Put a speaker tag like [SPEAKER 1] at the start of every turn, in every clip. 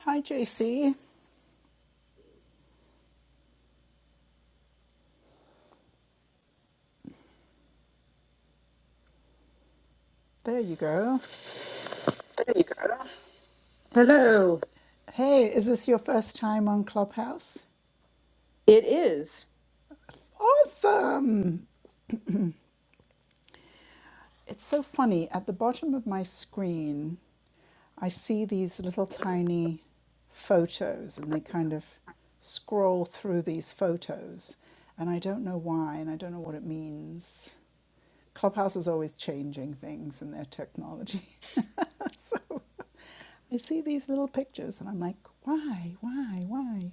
[SPEAKER 1] Hi, JC. There you go.
[SPEAKER 2] Hello.
[SPEAKER 1] Hey, is this your first time on Clubhouse?
[SPEAKER 2] It is.
[SPEAKER 1] Awesome! It's so funny. At the bottom of my screen, I see these little tiny photos, and they kind of scroll through these photos. And I don't know why, and I don't know what it means. Clubhouse is always changing things in their technology. so I see these little pictures, and I'm like, why, why, why?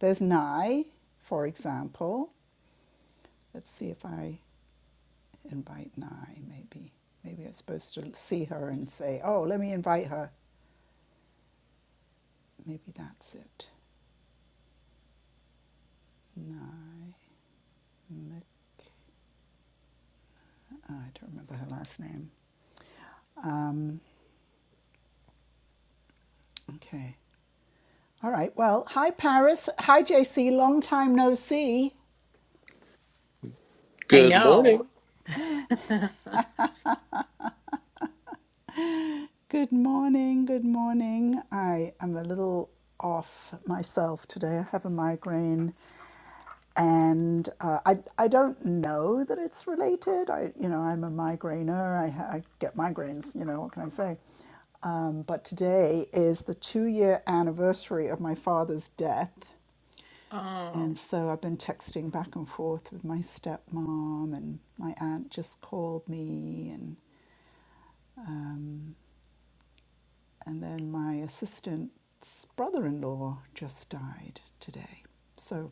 [SPEAKER 1] There's Nye, for example. Let's see if I invite Nye, maybe. Maybe I'm supposed to see her and say, oh, let me invite her. Maybe that's it. Nye Mc- oh, I don't remember her last name. Um, okay. All right. Well, hi, Paris. Hi, JC. Long time no see.
[SPEAKER 2] I
[SPEAKER 3] Good
[SPEAKER 2] know.
[SPEAKER 3] morning.
[SPEAKER 1] Good morning, good morning. I am a little off myself today. I have a migraine and uh, I, I don't know that it's related. I, you know, I'm a migrainer. I, I get migraines, you know, what can I say? Um, but today is the two year anniversary of my father's death. And
[SPEAKER 2] Um,
[SPEAKER 1] so I've been texting back and forth with my stepmom, and my aunt just called me, and um, And then my assistant's brother in law just died today. So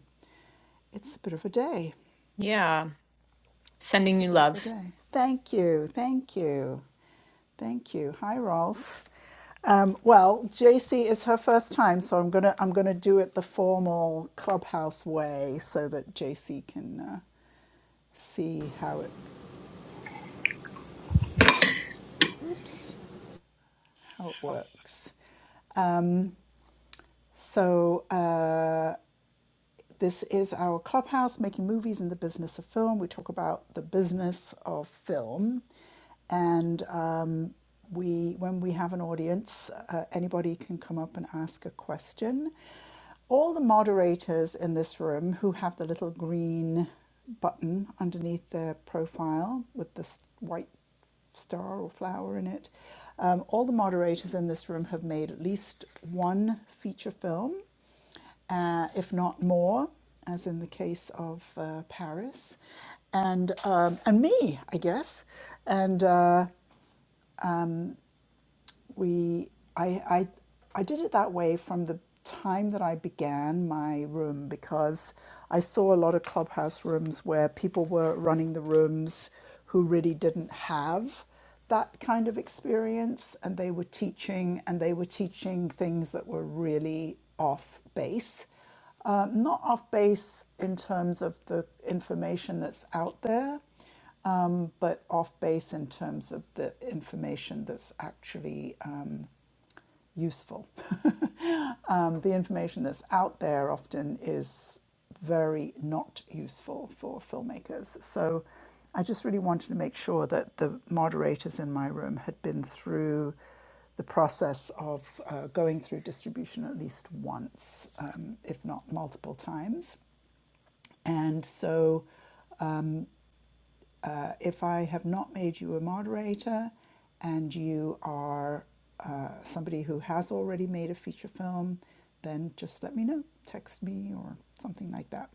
[SPEAKER 1] it's a bit of a day.
[SPEAKER 2] yeah, sending
[SPEAKER 1] It's a
[SPEAKER 2] you
[SPEAKER 1] bit of a
[SPEAKER 2] love.
[SPEAKER 1] day. Thank you. Thank you. Thank you. Hi, Rolf. Um, well, JC is her first time, so I'm gonna I'm gonna do it the formal clubhouse way, so that JC can uh, see how it oops how it works. So uh, This is our clubhouse, making movies in the business of film. We talk about the business of film, and um, we, when we have an audience, uh, anybody can come up and ask a question. All the moderators in this room who have the little green button underneath their profile with the white star or flower in it. Um, all the moderators in this room have made at least one feature film uh, if not more, as in the case of uh, Paris, and um, and me, I guess, and. uh, we I, I I did it that way from the time that I began my room because I saw a lot of clubhouse rooms where people were running the rooms who really didn't have that kind of experience and they were teaching and they were teaching things that were really off base uh, not off base in terms of the information that's out there um, but off base in terms of the information that's actually um, useful. um, the information that's out there often is very not useful for filmmakers. So I just really wanted to make sure that the moderators in my room had been through the process of uh, going through distribution at least once, um, if not multiple times. And so uh, if I have not made you a moderator and you are uh, somebody who has already made a feature film, then just let me know. Text me or something like that.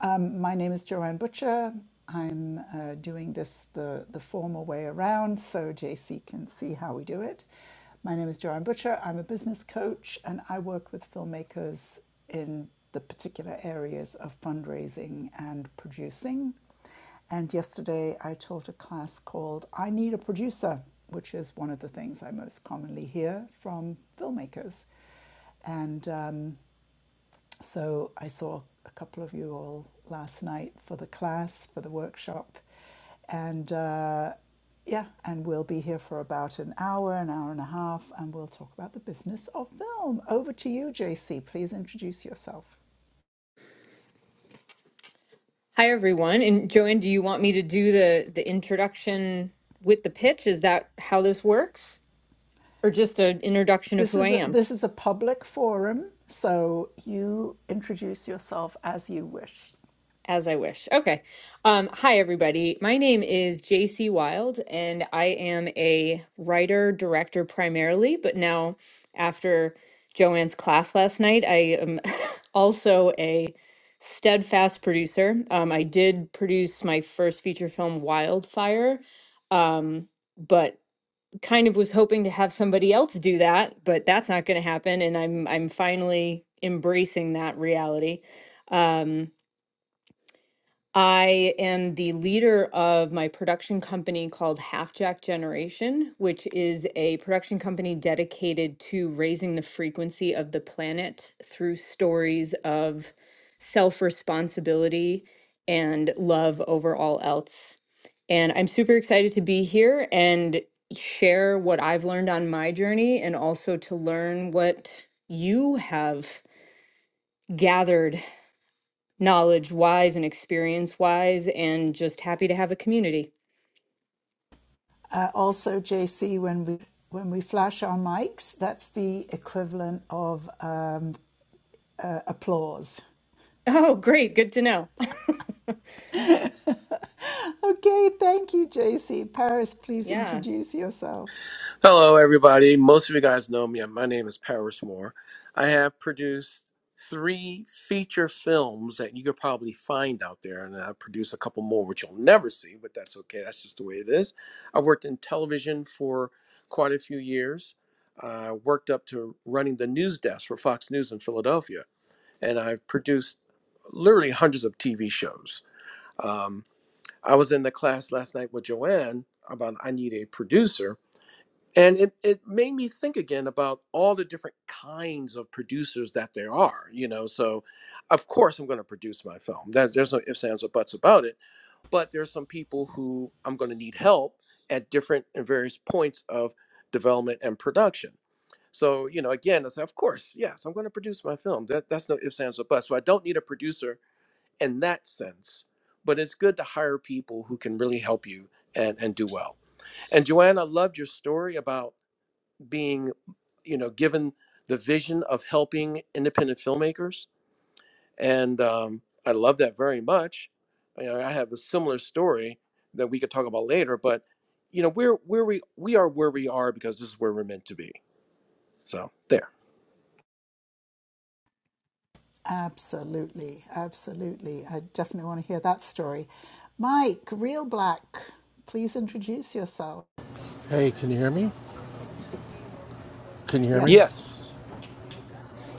[SPEAKER 1] Um, my name is Joanne Butcher. I'm uh, doing this the, the formal way around so JC can see how we do it. My name is Joanne Butcher. I'm a business coach and I work with filmmakers in the particular areas of fundraising and producing. And yesterday I taught a class called I Need a Producer, which is one of the things I most commonly hear from filmmakers. And um, so I saw a couple of you all last night for the class, for the workshop. And uh, yeah, and we'll be here for about an hour, an hour and a half, and we'll talk about the business of film. Over to you, JC. Please introduce yourself.
[SPEAKER 2] Hi everyone. And Joanne, do you want me to do the the introduction with the pitch? Is that how this works? Or just an introduction of
[SPEAKER 1] This
[SPEAKER 2] who I
[SPEAKER 1] is a,
[SPEAKER 2] am?
[SPEAKER 1] this is a public forum, so you introduce yourself as you wish.
[SPEAKER 2] As I wish. Okay. Um, hi, everybody. My name is JC Wild, and I am a writer, director primarily, but now after Joanne's class last night, I am also a steadfast producer. Um, I did produce my first feature film, Wildfire, um, but kind of was hoping to have somebody else do that, but that's not going to happen, and I'm I'm finally embracing that reality. Um, I am the leader of my production company called Half Jack Generation, which is a production company dedicated to raising the frequency of the planet through stories of self responsibility and love over all else. And I'm super excited to be here and share what I've learned on my journey and also to learn what you have gathered knowledge wise and experience wise, and just happy to have a community.
[SPEAKER 1] Uh, also, JC, when we when we flash our mics, that's the equivalent of um, uh, applause.
[SPEAKER 2] Oh, great. Good to know.
[SPEAKER 1] Okay, thank you, JC. Paris, please
[SPEAKER 2] Yeah.
[SPEAKER 1] introduce yourself.
[SPEAKER 3] Hello, everybody. Most of you guys know me. My name is Paris Moore. I have produced three feature films that you could probably find out there, and I produce a couple more, which you'll never see, but that's okay. That's just the way it is. I worked in television for quite a few years. I worked up to running the news desk for Fox News in Philadelphia, and I've produced literally hundreds of TV shows. Um, I was in the class last night with Joanne about I need a producer and it, it made me think again about all the different kinds of producers that there are you know so of course i'm going to produce my film there's, there's no ifs ands or buts about it but there's some people who i'm going to need help at different and various points of development and production so you know again i said of course yes i'm going to produce my film that, that's no ifs ands or buts so i don't need a producer in that sense but it's good to hire people who can really help you and, and do well and joanne i loved your story about being you know, given the vision of helping independent filmmakers. And um, I love that very much. You know, I have a similar story that we could talk about later, but you know, we're where we we are where we are because this is where we're meant to be. So there.
[SPEAKER 1] Absolutely, absolutely. I definitely want to hear that story. Mike, real black, please introduce yourself.
[SPEAKER 4] Hey, can you hear me? Can you hear me?
[SPEAKER 1] Yes.
[SPEAKER 3] Yes.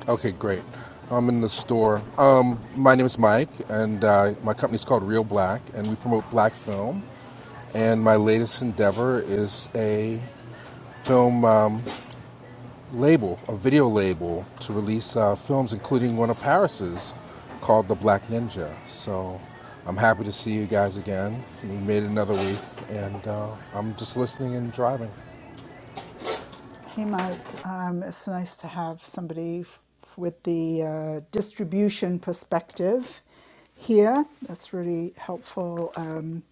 [SPEAKER 4] Okay, great. I'm in the store. Um, my name is Mike, and uh, my company's called Real Black, and we promote black film. And my latest endeavor is a film um, label, a video label, to release uh, films, including one of Paris's called The Black Ninja. So I'm happy to see you guys again. We made it another week, and uh, I'm just listening and driving.
[SPEAKER 1] Hey, Mike. Um, it's nice to have somebody f- with the uh, distribution perspective here. That's really helpful. Um,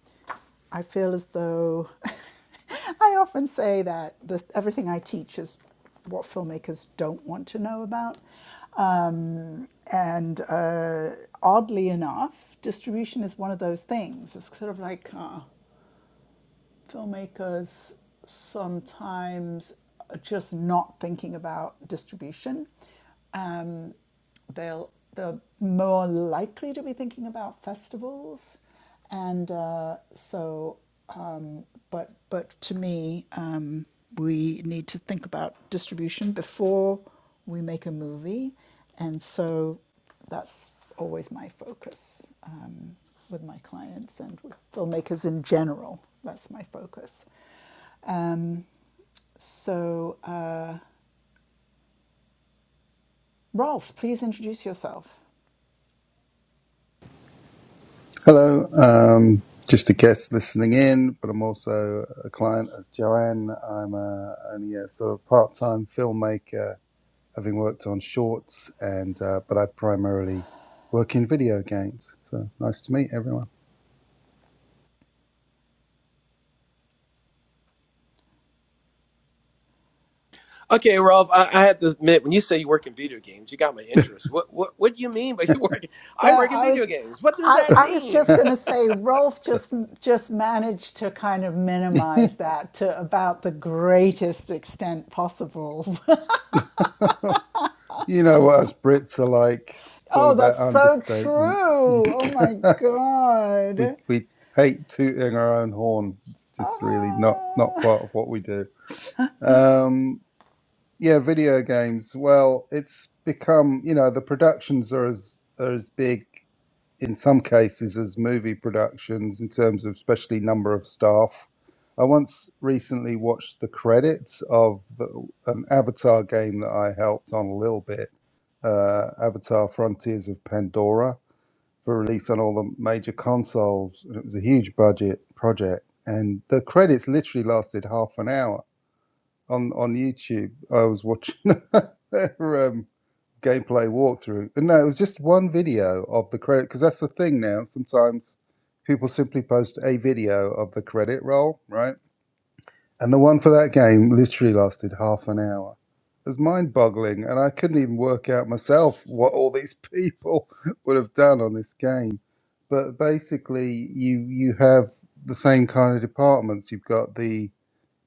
[SPEAKER 1] I feel as though I often say that the, everything I teach is what filmmakers don't want to know about. Um, and uh, oddly enough, distribution is one of those things. It's sort of like, uh, filmmakers sometimes are just not thinking about distribution. Um, they'll they're more likely to be thinking about festivals, and uh, so but, but to me, um, we need to think about distribution before we make a movie. And so that's always my focus um, with my clients and with filmmakers in general. That's my focus. Um, so, uh, Rolf, please introduce yourself.
[SPEAKER 5] Hello, um, just a guest listening in, but I'm also a client of Joanne. I'm a, only a sort of part-time filmmaker, having worked on shorts, and uh, but I primarily work in video games. So nice to meet everyone.
[SPEAKER 3] Okay, Ralph. I, I have to admit, when you say you work in video games, you got my interest. What what what do you mean by you work? I
[SPEAKER 1] Yeah,
[SPEAKER 3] work in
[SPEAKER 1] I
[SPEAKER 3] video
[SPEAKER 1] was
[SPEAKER 3] games. What does
[SPEAKER 1] I,
[SPEAKER 3] that
[SPEAKER 1] I was
[SPEAKER 3] mean?
[SPEAKER 1] just going to say Rolf just just managed to kind of minimize that to about the greatest extent possible.
[SPEAKER 5] you know what us Brits are like. It's all
[SPEAKER 1] oh, that's
[SPEAKER 5] about
[SPEAKER 1] so
[SPEAKER 5] understatement. we
[SPEAKER 1] true. Oh my god.
[SPEAKER 5] we hate tooting our own horn. It's
[SPEAKER 1] Ah.
[SPEAKER 5] just really not not part of what we do. Um, Yeah, video games. Well, it's become, you know, the productions are as are as big in some cases as movie productions in terms of especially number of staff. I once recently watched the credits of the, an Avatar game that I helped on a little bit, uh, Avatar Frontiers of Pandora, for release on all the major consoles. And it was a huge budget project, and the credits literally lasted half an hour on on YouTube. I was watching their um, gameplay walkthrough, and no, it was just one video of the credit because that's the thing now. Sometimes people simply post a video of the credit roll, right? And the one for that game literally lasted half an hour. It was mind-boggling, and I couldn't even work out myself what all these people would have done on this game. But basically, you you have the same kind of departments. You've got the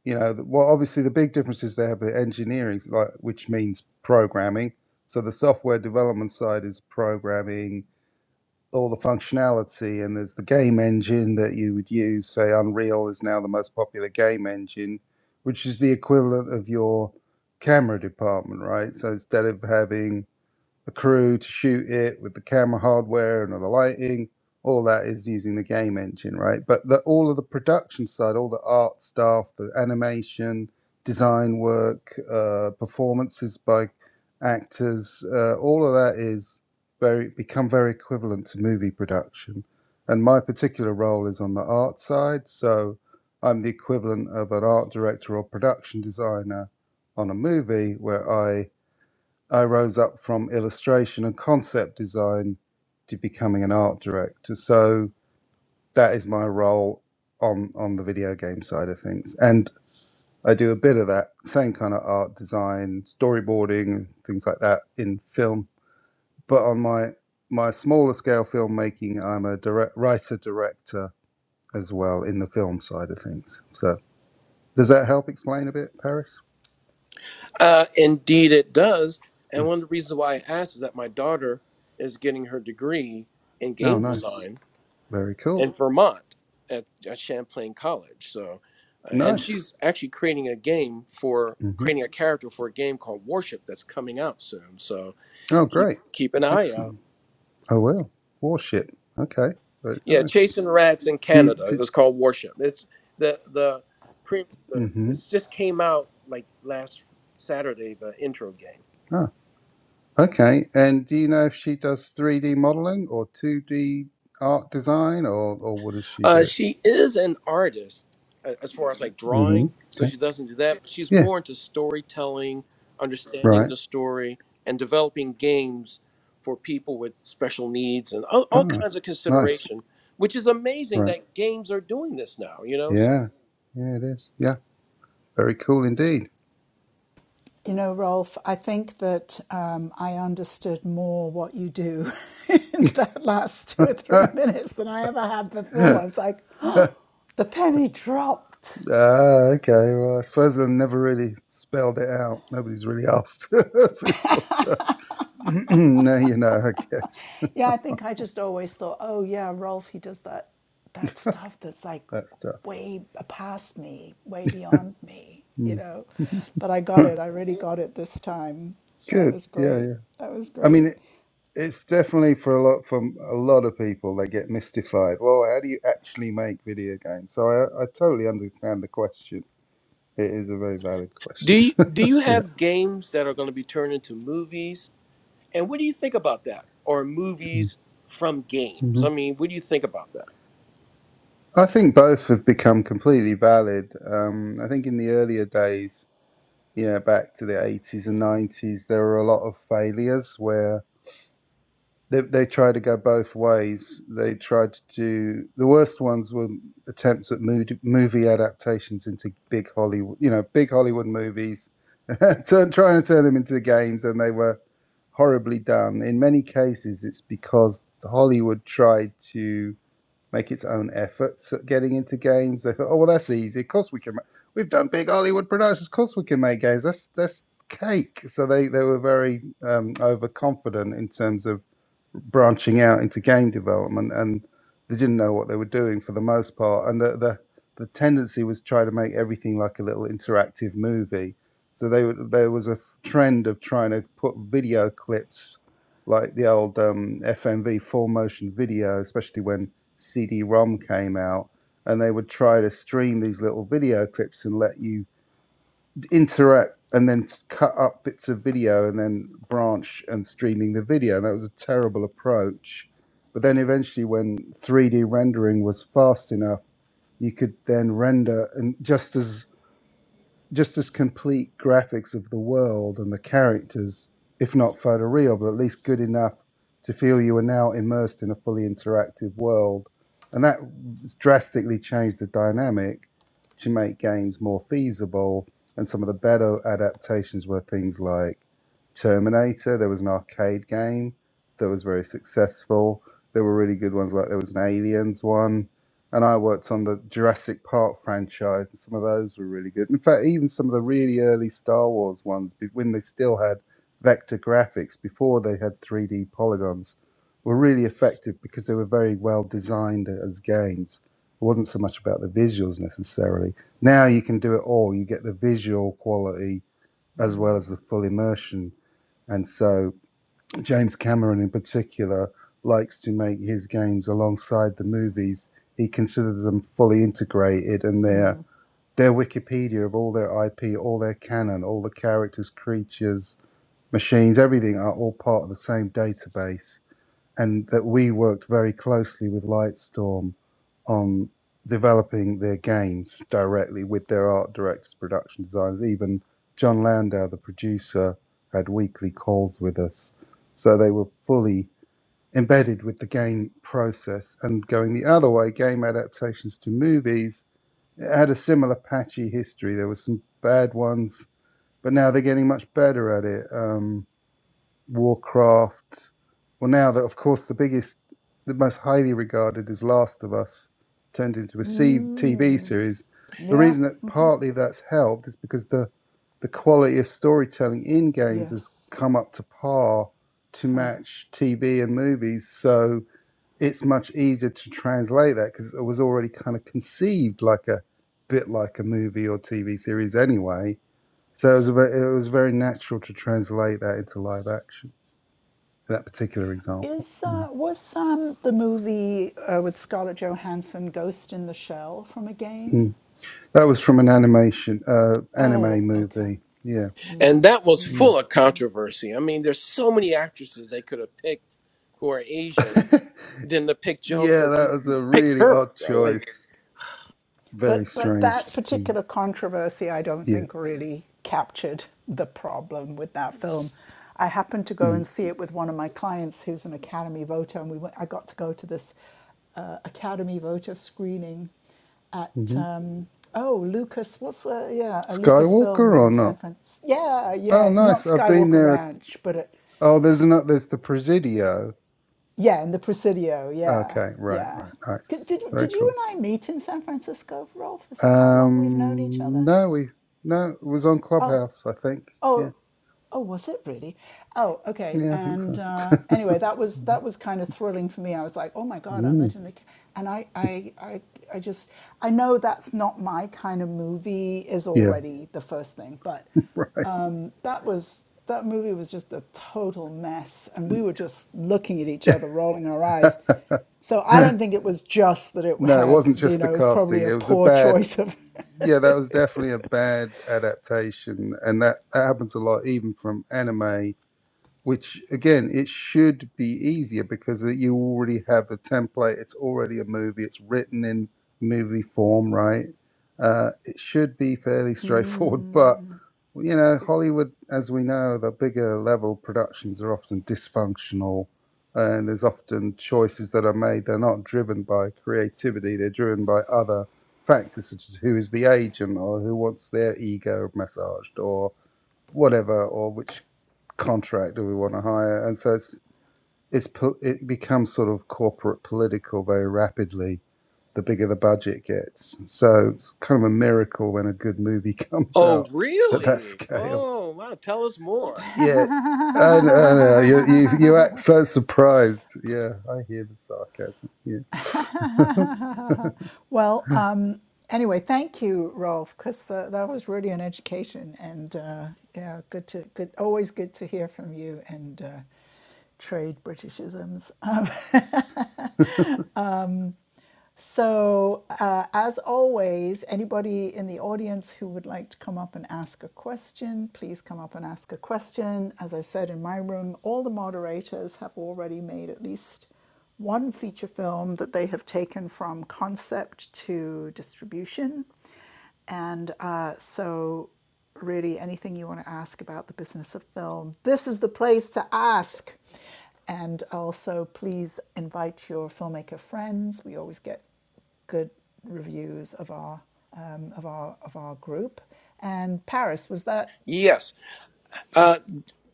[SPEAKER 5] you know, well, obviously the big difference is they have the engineering, like which means programming. So the software development side is programming all the functionality, and there's the game engine that you would use. Say Unreal is now the most popular game engine, which is the equivalent of your camera department, right? So instead of having a crew to shoot it with the camera hardware and all the lighting. All that is using the game engine, right? But the, all of the production side, all the art stuff, the animation, design work, uh, performances by actors, uh, all of that is very become very equivalent to movie production. And my particular role is on the art side, so I'm the equivalent of an art director or production designer on a movie where I I rose up from illustration and concept design to becoming an art director. So that is my role on on the video game side of things, and I do a bit of that same kind of art design, storyboarding, things like that in film. But on my my smaller scale filmmaking, I'm a direct writer director as well in the film side of things. So does that help explain a bit, Paris?
[SPEAKER 3] Uh, indeed, it does. And one of the reasons why I asked is that my daughter is getting her degree in
[SPEAKER 5] Oh,
[SPEAKER 3] game
[SPEAKER 5] nice,
[SPEAKER 3] design
[SPEAKER 5] very cool,
[SPEAKER 3] in Vermont at, at Champlain College. So, uh, and
[SPEAKER 5] nice.
[SPEAKER 3] she's actually creating a game for
[SPEAKER 5] hmm
[SPEAKER 3] creating a character for a game called Warship that's coming out soon. So
[SPEAKER 5] Oh,
[SPEAKER 3] keep
[SPEAKER 5] great,
[SPEAKER 3] keep an eye
[SPEAKER 5] excellent.
[SPEAKER 3] out.
[SPEAKER 5] Oh well, warship. Okay, very
[SPEAKER 3] Yeah,
[SPEAKER 5] nice.
[SPEAKER 3] Chasing Rats in
[SPEAKER 5] Do,
[SPEAKER 3] Canada. It
[SPEAKER 5] do,
[SPEAKER 3] was called Warship. It's the the pre the
[SPEAKER 5] mm-hmm.
[SPEAKER 3] it's just came out like last Saturday the intro game.
[SPEAKER 5] Ah, okay. And do you know if she does three D modeling or two D art design, or or what does she
[SPEAKER 3] Uh,
[SPEAKER 5] do?
[SPEAKER 3] she is an artist a- as far as like
[SPEAKER 5] Mm-hmm.
[SPEAKER 3] drawing, so
[SPEAKER 5] Okay.
[SPEAKER 3] she doesn't do that, but she's
[SPEAKER 5] Yeah.
[SPEAKER 3] more into storytelling, understanding
[SPEAKER 5] Right.
[SPEAKER 3] the story, and developing games for people with special needs and all, all
[SPEAKER 5] Ah,
[SPEAKER 3] kinds of
[SPEAKER 5] nice.
[SPEAKER 3] consideration, which is amazing
[SPEAKER 5] Right.
[SPEAKER 3] that games are doing this now, you know? So,
[SPEAKER 5] Yeah. Yeah, it is. Yeah. Very cool indeed.
[SPEAKER 1] You know, Rolf, I think that um, I understood more what you do in that last two
[SPEAKER 5] ah,
[SPEAKER 1] or three minutes than I ever had before. I was like,
[SPEAKER 5] okay.
[SPEAKER 1] the penny dropped.
[SPEAKER 5] Well, I suppose I've never really spelled it out. Nobody's really asked before, so now you know. I guess
[SPEAKER 1] Yeah, I think I just always thought, oh yeah, Rolf, he does that that stuff that's like
[SPEAKER 5] that stuff.
[SPEAKER 1] way past me, way beyond me, you know. But I got it. I really got it this time. That
[SPEAKER 5] Good.
[SPEAKER 1] was
[SPEAKER 5] Yeah,
[SPEAKER 1] great.
[SPEAKER 5] yeah.
[SPEAKER 1] That was
[SPEAKER 5] I mean,
[SPEAKER 1] great.
[SPEAKER 5] it, it's definitely for a lot from a lot of people. They get mystified. Well, how do you actually make video games? So I, I totally understand the question. It is a very valid
[SPEAKER 3] do
[SPEAKER 5] question.
[SPEAKER 3] you, do you
[SPEAKER 5] Yeah.
[SPEAKER 3] have games that are going to be turned into movies? And what do you think about that? Or movies from games?
[SPEAKER 5] hmm
[SPEAKER 3] I mean, what do you think about that?
[SPEAKER 5] I think both have become completely valid. Um, I think in the earlier days, you know, back to the 80s and 90s, there were a lot of failures where. they they tried to go both ways. They tried to do the worst ones were attempts at mood, movie adaptations into big Hollywood, you know, big Hollywood movies, turn, trying to turn them into games, and they were horribly done. In many cases, it's because Hollywood tried to make its own efforts at getting into games. They thought, oh well, that's easy. Of course we can. ma- We've done big Hollywood productions. Of course we can make games. That's that's cake. So they they were very um, overconfident in terms of branching out into game development, and they didn't know what they were doing for the most part. And the the, the tendency was try to make everything like a little interactive movie. So they would, there was a f- trend of trying to put video clips like the old um, FMV full motion video, especially when CD-ROM came out, and they would try to stream these little video clips and let you interact and then cut up bits of video and then branch and streaming the video. And that was a terrible approach. But then eventually, when 3D rendering was fast enough, you could then render and just as just as complete graphics of the world and the characters, if not photoreal, but at least good enough to feel you are now immersed in a fully interactive world. And that drastically changed the dynamic to make games more feasible. And some of the better adaptations were things like Terminator, there was an arcade game that was very successful. There were really good ones, like there was an Aliens one and I worked on the Jurassic Park franchise, and some of those were really good. In fact, even some of the really early Star Wars ones, when they still had vector graphics before they had 3D polygons, were really effective because they were very well designed as games. It wasn't so much about the visuals necessarily. Now you can do it all. You get the visual quality as well as the full immersion, and so James Cameron, in particular, likes to make his games alongside the movies. He considers them fully integrated, and their their Wikipedia of all their IP, all their canon, all the characters, creatures, machines, everything are all part of the same database and that we worked very closely with Lightstorm on developing their games directly with their art directors, production designers. Even John Landau, the producer, had weekly calls with us. So they were fully embedded with the game process. And going the other way, game adaptations to movies it had a similar patchy history. There were some bad ones, but now they're getting much better at it. Um, Warcraft. Well, now that, of course, the biggest, the most highly regarded is Last of Us, turned into a C- TV series. The
[SPEAKER 1] Yeah.
[SPEAKER 5] reason that partly that's helped is because the the quality of storytelling in games has
[SPEAKER 1] Yes.
[SPEAKER 5] come up to par to match TV and movies. So it's much easier to translate that because it was already kind of conceived like a bit like a movie or TV series anyway. So it was, a very, it was very natural to translate that into live action that particular example.
[SPEAKER 1] Is
[SPEAKER 5] Yeah.
[SPEAKER 1] uh, was um, the movie uh, with Scarlett Johansson, Ghost in the Shell, from a game?
[SPEAKER 5] Mm. That was from an animation, uh, anime
[SPEAKER 1] Oh, okay.
[SPEAKER 5] movie. Yeah.
[SPEAKER 3] and that was
[SPEAKER 5] Mm.
[SPEAKER 3] full of controversy. I mean, there's so many actresses they could have picked who are Asian than to pick jo-
[SPEAKER 5] yeah,
[SPEAKER 3] uh,
[SPEAKER 5] that was a
[SPEAKER 3] pick
[SPEAKER 5] really
[SPEAKER 3] her.
[SPEAKER 5] odd
[SPEAKER 3] Bro. Like,
[SPEAKER 5] choice. Very
[SPEAKER 1] But but
[SPEAKER 5] strange.
[SPEAKER 1] that
[SPEAKER 5] Mm.
[SPEAKER 1] particular controversy, I don't
[SPEAKER 5] Yeah.
[SPEAKER 1] think really captured the problem with that film. I happened to go
[SPEAKER 5] Mm.
[SPEAKER 1] and see it with one of my clients who's an Academy voter, and we went, I got to go to this uh, Academy voter screening at
[SPEAKER 5] hmm
[SPEAKER 1] um, oh Lucas, what's the yeah a
[SPEAKER 5] Skywalker
[SPEAKER 1] Lucasfilm
[SPEAKER 5] or
[SPEAKER 1] in San
[SPEAKER 5] not?
[SPEAKER 1] Francisco? Yeah,
[SPEAKER 5] Oh,
[SPEAKER 1] yeah, not
[SPEAKER 5] nice. I've been
[SPEAKER 1] Skywalker
[SPEAKER 5] there.
[SPEAKER 1] Ranch, but at,
[SPEAKER 5] Oh, there's not. There's the Presidio.
[SPEAKER 1] yeah, in the Presidio. Yeah,
[SPEAKER 5] Okay. Right.
[SPEAKER 1] yeah.
[SPEAKER 5] Right.
[SPEAKER 1] Did
[SPEAKER 5] Nice.
[SPEAKER 1] did
[SPEAKER 5] Very
[SPEAKER 1] you
[SPEAKER 5] cool.
[SPEAKER 1] and I meet in San Francisco, Rolf? Is that how long we've known each
[SPEAKER 5] Um.
[SPEAKER 1] other?
[SPEAKER 5] No, we. No, it was on
[SPEAKER 1] Oh,
[SPEAKER 5] Clubhouse. I think. Yeah.
[SPEAKER 1] oh, oh, was it really? Oh, okay.
[SPEAKER 5] Yeah, I think so.
[SPEAKER 1] And uh, anyway, that was
[SPEAKER 5] Mhm.
[SPEAKER 1] that was kind of thrilling for me. I was like, oh my god, I'm
[SPEAKER 5] Mm.
[SPEAKER 1] at an ac-" and I, I I I just I know that's not my kind of movie is
[SPEAKER 5] Yeah.
[SPEAKER 1] already the first thing, but
[SPEAKER 5] Right.
[SPEAKER 1] that was that movie was just a total mess, and we were just looking at each other, rolling our eyes. So I don't think it was just that it
[SPEAKER 5] no, it
[SPEAKER 1] had,
[SPEAKER 5] wasn't
[SPEAKER 1] you
[SPEAKER 5] just the
[SPEAKER 1] know, it was probably
[SPEAKER 5] casting.
[SPEAKER 1] a
[SPEAKER 5] It was a
[SPEAKER 1] poor
[SPEAKER 5] bad,
[SPEAKER 1] choice of
[SPEAKER 5] yeah, that was definitely a bad adaptation, and that, that happens a lot, even from anime which again it should be easier because uh, you already have the template it's already a movie it's written in movie form right uh, it should be fairly straightforward but you know hollywood as we know the bigger level productions are often dysfunctional and there's often choices that are made they're not driven by creativity they're driven by other factors such as who is the agent or who wants their ego massaged or whatever or which contractor we want to hire, and so it's it's it becomes sort of corporate political very rapidly. The bigger the budget gets, so it's kind of a miracle when a good movie comes
[SPEAKER 3] oh
[SPEAKER 5] out at that
[SPEAKER 3] really?
[SPEAKER 5] scale.
[SPEAKER 3] Oh wow! Tell us more.
[SPEAKER 5] Yeah, I know, You, you you act so surprised. Yeah, I hear the sarcasm. Yeah,
[SPEAKER 1] Well, um, anyway, thank you, Rolf, because uh, that was really an education, and uh, yeah, good to good, always good to hear from you and uh, trade Britishisms. Um, So, uh, as always, anybody in the audience who would like to come up and ask a question, please come up and ask a question. As I said in my room, all the moderators have already made at least one feature film that they have taken from concept to distribution. And uh, so, really, anything you want to ask about the business of film, this is the place to ask. And also, please invite your filmmaker friends. We always get good reviews of our um, of our of our group. And Paris was that?
[SPEAKER 3] Yes, uh,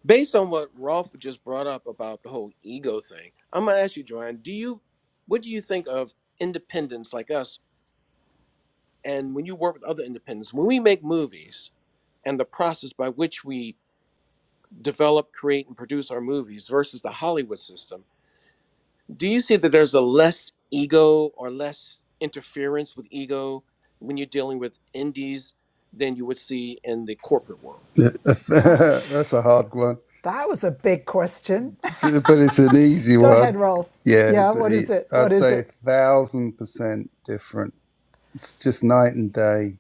[SPEAKER 3] based on what Rolf just brought up about the whole ego thing, I'm gonna ask you, Joanne. Do you what do you think of independents like us? And when you work with other independents, when we make movies, and the process by which we develop, create, and produce our movies versus the Hollywood system, do you see that there's a less ego or less interference with ego when you're dealing with indies than you would see in the corporate world?
[SPEAKER 5] yeah.
[SPEAKER 1] Gosh,
[SPEAKER 5] that's a hard one,
[SPEAKER 1] that was a big question.
[SPEAKER 5] but it's an easy
[SPEAKER 1] Go
[SPEAKER 5] one.
[SPEAKER 1] ahead, Rolf.
[SPEAKER 5] Yeah,
[SPEAKER 1] Yeah,
[SPEAKER 5] it's
[SPEAKER 1] what
[SPEAKER 5] a,
[SPEAKER 1] is it? What
[SPEAKER 5] I'd
[SPEAKER 1] is
[SPEAKER 5] say a
[SPEAKER 1] it?
[SPEAKER 5] thousand percent different. It's just night and day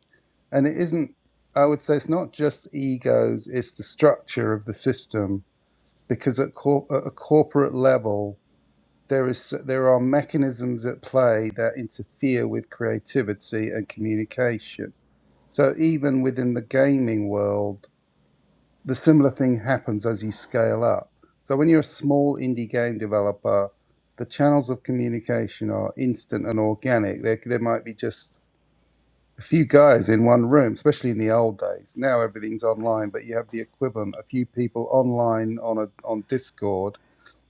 [SPEAKER 5] and it isn't i would say it's not just egos it's the structure of the system because at, cor- at a corporate level there is there are mechanisms at play that interfere with creativity and communication so even within the gaming world the similar thing happens as you scale up so when you're a small indie game developer the channels of communication are instant and organic there, there might be just a few guys in one room, especially in the old days. Now everything's online, but you have the equivalent, a few people online on a on Discord,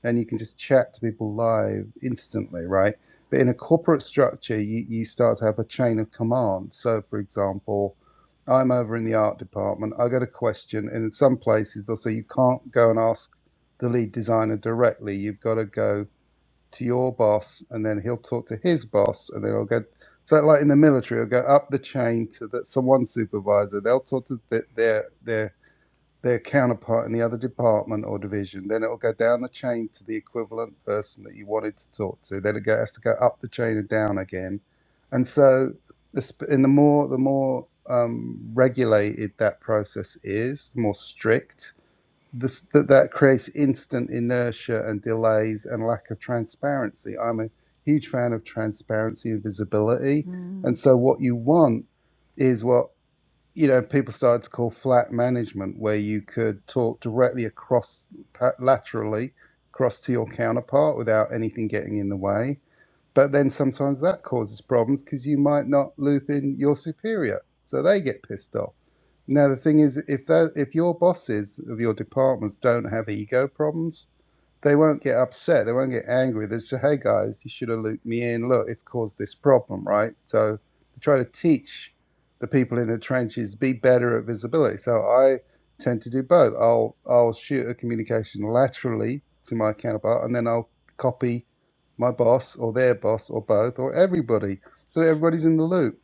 [SPEAKER 5] and you can just chat to people live instantly, right? But in a corporate structure, you, you start to have a chain of command. So, for example, I'm over in the art department. I got a question, and in some places they'll say you can't go and ask the lead designer directly. You've got to go to your boss, and then he'll talk to his boss, and then it'll go. So, like in the military, it'll go up the chain to that someone supervisor. They'll talk to th their their their counterpart in the other department or division. Then it'll go down the chain to the equivalent person that you wanted to talk to. Then it go, has to go up the chain and down again. And so, the sp- and the more the more um, regulated that process is, the more strict this, that, that creates instant inertia and delays and lack of transparency. I'm a huge fan of transparency and visibility. And so, what you want is what you know people started to call flat management, where you could talk directly across laterally across to your counterpart without anything getting in the way. But then sometimes that causes problems because you might not loop in your superior, so they get pissed off now the thing is, if that if your bosses of your departments don't have ego problems, they won't get upset. They won't get angry. They say, "Hey guys, you should have looped me in. Look, it's caused this problem, right?" So they try to teach the people in the trenches be better at visibility. So I tend to do both. I'll I'll shoot a communication laterally to my counterpart, and then I'll copy my boss or their boss or both or everybody, so that everybody's in the loop.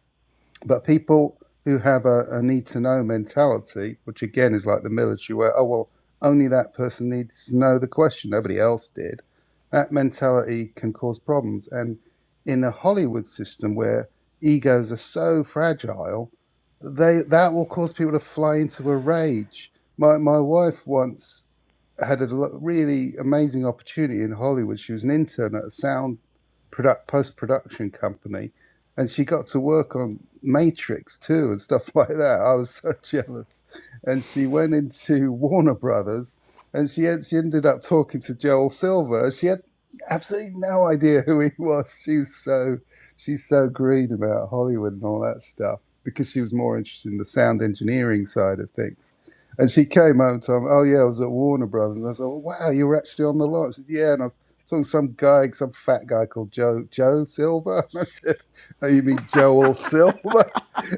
[SPEAKER 5] But people who have a, a need to know mentality, which again is like the military, where, oh, well, only that person needs to know the question, nobody else did, that mentality can cause problems. And in a Hollywood system where egos are so fragile, they that will cause people to fly into a rage. My, my wife once had a lo- really amazing opportunity in Hollywood. She was an intern at a sound product, post production company and she got to work on Matrix too and stuff like that. I was so jealous. And she went into Warner Brothers and she en- she ended up talking to Joel Silver. She had absolutely no idea who he was. She was so she's so green about Hollywood and all that stuff because she was more interested in the sound engineering side of things. And she came home and told me, "Oh yeah, I was at Warner Brothers." And I said, "Oh, "Wow, you were actually on the lot." She said, "Yeah," and I was talking to some guy, some fat guy called Joe Joe Silver. And I said. Oh, you mean Joel Silver?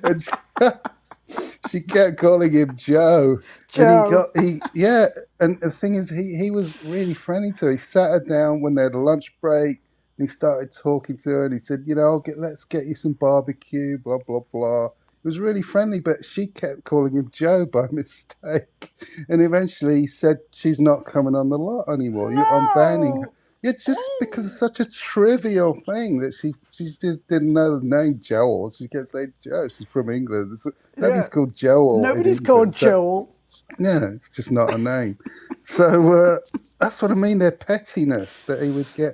[SPEAKER 5] And she, she kept calling him Joe. And he got
[SPEAKER 1] Joe.
[SPEAKER 5] he yeah. And the thing is, he he was really friendly to her. He sat her down when they had a lunch break, and he started talking to her. And he said, you know, I'll get let's get you some barbecue, blah blah blah. It was really friendly, but she kept calling him Joe by mistake. And eventually, he said, she's not coming on the lot anymore. You, I'm banning her
[SPEAKER 1] No.
[SPEAKER 5] yeah, just because
[SPEAKER 1] Oh.
[SPEAKER 5] it's such a trivial thing that she she just didn't know the name Joel. She kept saying Joe. She's from England. It's-
[SPEAKER 1] Yeah.
[SPEAKER 5] nobody's called Joel in
[SPEAKER 1] Nobody's called
[SPEAKER 5] England. So
[SPEAKER 1] Joel,
[SPEAKER 5] yeah, it's just not a name. So uh, that's what I mean. Their pettiness that he would get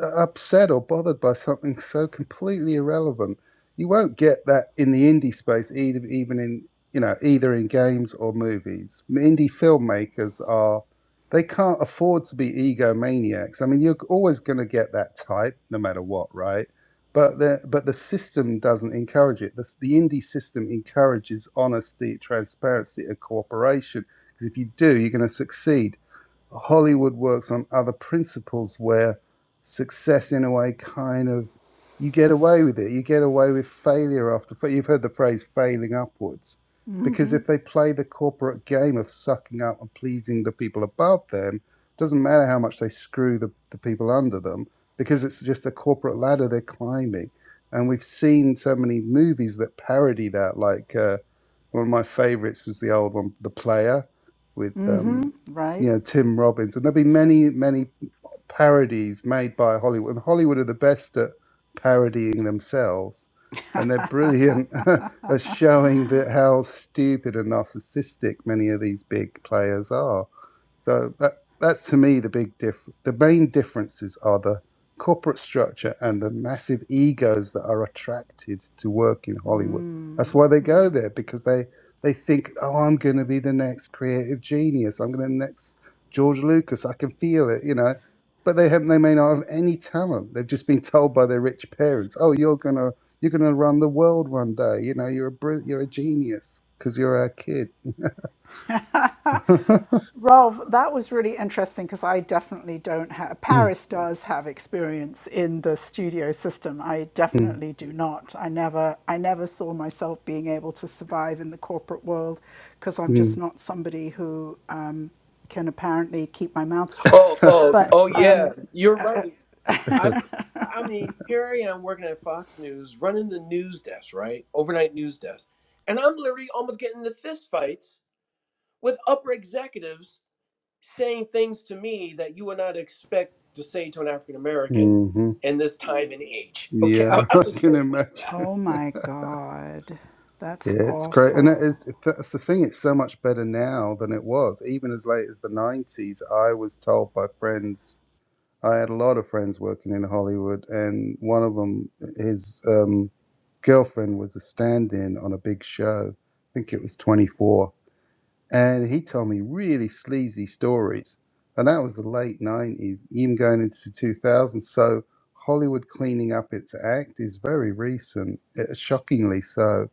[SPEAKER 5] upset or bothered by something so completely irrelevant. You won't get that in the indie space, either, even in you know either in games or movies. Indie filmmakers are they can't afford to be egomaniacs. I mean, you're always going to get that type, no matter what, right? But the but the system doesn't encourage it. The, the indie system encourages honesty, transparency, and cooperation. Because if you do, you're going to succeed Hollywood works on other principles where success, in a way, kind of you get away with it. You get away with failure after fa- you've heard the phrase "failing upwards," because if they play the corporate game of sucking up and pleasing the people above them, it doesn't matter how much they screw the, the people under them, because it's just a corporate ladder they're climbing. And we've seen so many movies that parody that, like. Uh, one of my favourites was the old one, The Player, with um,
[SPEAKER 1] right?
[SPEAKER 5] you know Tim Robbins, and there will be many many parodies made by Hollywood. And Hollywood are the best at parodying themselves, and they're brilliant at showing that how stupid and narcissistic many of these big players are. So that that's to me the big diff. The main differences are the corporate structure and the massive egos that are attracted to work in Hollywood. That's why they go there because they they think, oh, I'm going to be the next creative genius. I'm going to be the next George Lucas. I can feel it, you know. But they have they may not have any talent. They've just been told by their rich parents, oh, you're gonna you're gonna run the world one day. You know, you're a br- you're a genius because you're a kid.
[SPEAKER 1] Ralph, that was really interesting because I definitely don't have, Paris does have experience in the studio system. I
[SPEAKER 5] Mm,
[SPEAKER 1] definitely do not. I never, I never saw myself being able to survive in the corporate world because I'm
[SPEAKER 5] mm.
[SPEAKER 1] just not somebody who um, can apparently keep my mouth shut.
[SPEAKER 3] Oh, oh,
[SPEAKER 1] But
[SPEAKER 3] oh, yeah.
[SPEAKER 1] um,
[SPEAKER 3] You're right. I've, I mean, here I am working at Fox News, running the news desk, right? Overnight news desk. And I'm literally almost getting into fist fights with upper executives saying things to me that you would not expect to say to an African American
[SPEAKER 5] hmm
[SPEAKER 3] in this time and age. Okay, I,
[SPEAKER 5] Yeah,
[SPEAKER 3] I'll
[SPEAKER 5] I
[SPEAKER 3] just say
[SPEAKER 5] can
[SPEAKER 3] it like
[SPEAKER 5] imagine.
[SPEAKER 3] that.
[SPEAKER 1] oh my God, that's
[SPEAKER 5] Yeah, it's great, and it
[SPEAKER 1] awful.
[SPEAKER 5] is, that's the thing. It's so much better now than it was. Even as late as the '90s, I was told by friends. I had a lot of friends working in Hollywood, and one of them, his um, girlfriend, was a stand-in on a big show. I think it was 24, and he told me really sleazy stories. And that was the late 90s, even going into the 2000s. So Hollywood cleaning up its act is very recent, eh, shockingly so.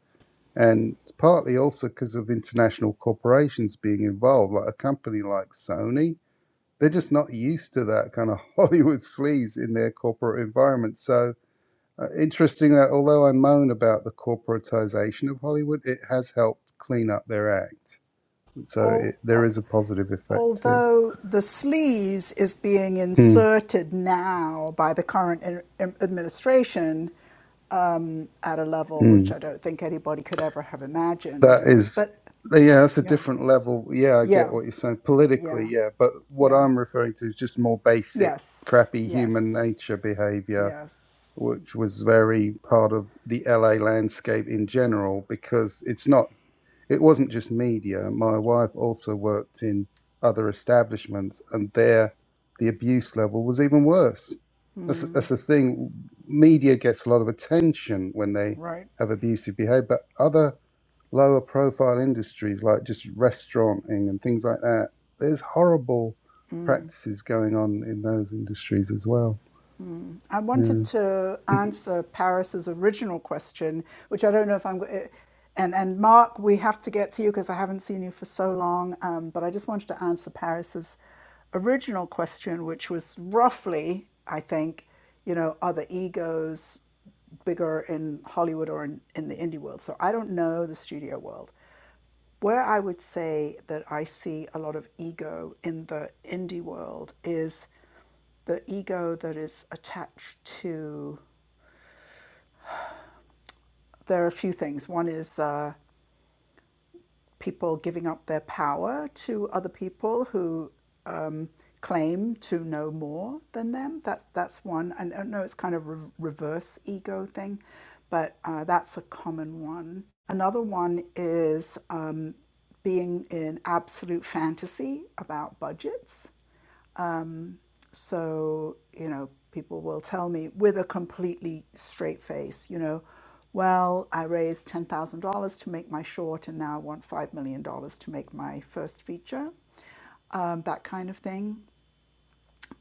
[SPEAKER 5] And partly also because of international corporations being involved, like a company like Sony. They're just not used to that kind of Hollywood sleaze in their corporate environment. So uh, interesting that although I moan about the corporatization of Hollywood, it has helped clean up their act. So
[SPEAKER 1] Oh.
[SPEAKER 5] it, there is a positive effect too.
[SPEAKER 1] Although the sleaze is being
[SPEAKER 5] Mm,
[SPEAKER 1] inserted now by the current administration at a level which
[SPEAKER 5] mm.
[SPEAKER 1] I don't think anybody could ever have
[SPEAKER 5] That
[SPEAKER 1] imagined.
[SPEAKER 5] is,
[SPEAKER 1] But
[SPEAKER 5] yeah, that's a
[SPEAKER 1] yeah,
[SPEAKER 5] different level. Yeah, I get
[SPEAKER 1] yeah,
[SPEAKER 5] what you're saying politically.
[SPEAKER 1] yeah,
[SPEAKER 5] Yeah, but what
[SPEAKER 1] yeah,
[SPEAKER 5] I'm referring to is just more basic,
[SPEAKER 1] yes,
[SPEAKER 5] crappy human nature
[SPEAKER 1] yes,
[SPEAKER 5] behavior,
[SPEAKER 1] yes,
[SPEAKER 5] which was very part of the LA landscape in general, because it's not. it wasn't just media. My wife also worked in other establishments, and there the abuse level was even worse. That's, that's the thing. Media gets a lot of attention when they
[SPEAKER 1] right.
[SPEAKER 5] have abusive behavior, but other lower profile industries like just restauranting and things like that, there's horrible practices going on in those industries as well.
[SPEAKER 1] I wanted
[SPEAKER 5] Yeah.
[SPEAKER 1] to answer Paris's original question, which I don't know if I'm. go- And and Mark, we have to get to you because I haven't seen you for so long. Um, but I just wanted to answer Paris's original question, which was roughly, I think, you know, are the egos bigger in Hollywood or in, in the indie world? So I don't know the studio world. Where I would say that I see a lot of ego in the indie world is the ego that is attached to there are a few things one is uh, people giving up their power to other people who um, claim to know more than them that's that's one and i know it's kind of re- reverse ego thing but uh, that's a common one another one is um, being in absolute fantasy about budgets So, you know, people will tell me with a completely straight face, you know, well, I raised $10,000 to make my short and now I want $5 million dollars to make my first feature, um, that kind of thing.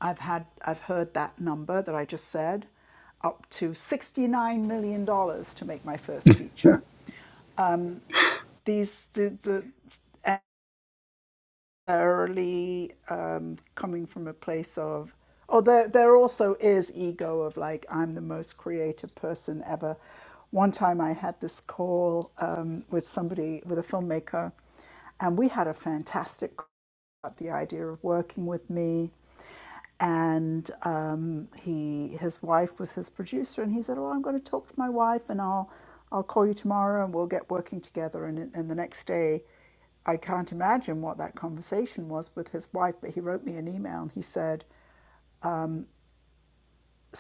[SPEAKER 1] I've had, I've heard that number that I just said, up to $69 million dollars to make my first feature. These, the, the, necessarily um, coming from a place of, oh, there, there also is ego of like, I'm the most creative person ever. One time I had this call um, with somebody, with a filmmaker, and we had a fantastic about the idea of working with me. And um, he, his wife was his producer, and he said, "Oh, I'm going to talk to my wife, and I'll, I'll call you tomorrow, and we'll get working together." And, and the next day, I can't imagine what that conversation was with his wife, but he wrote me an email, and he said,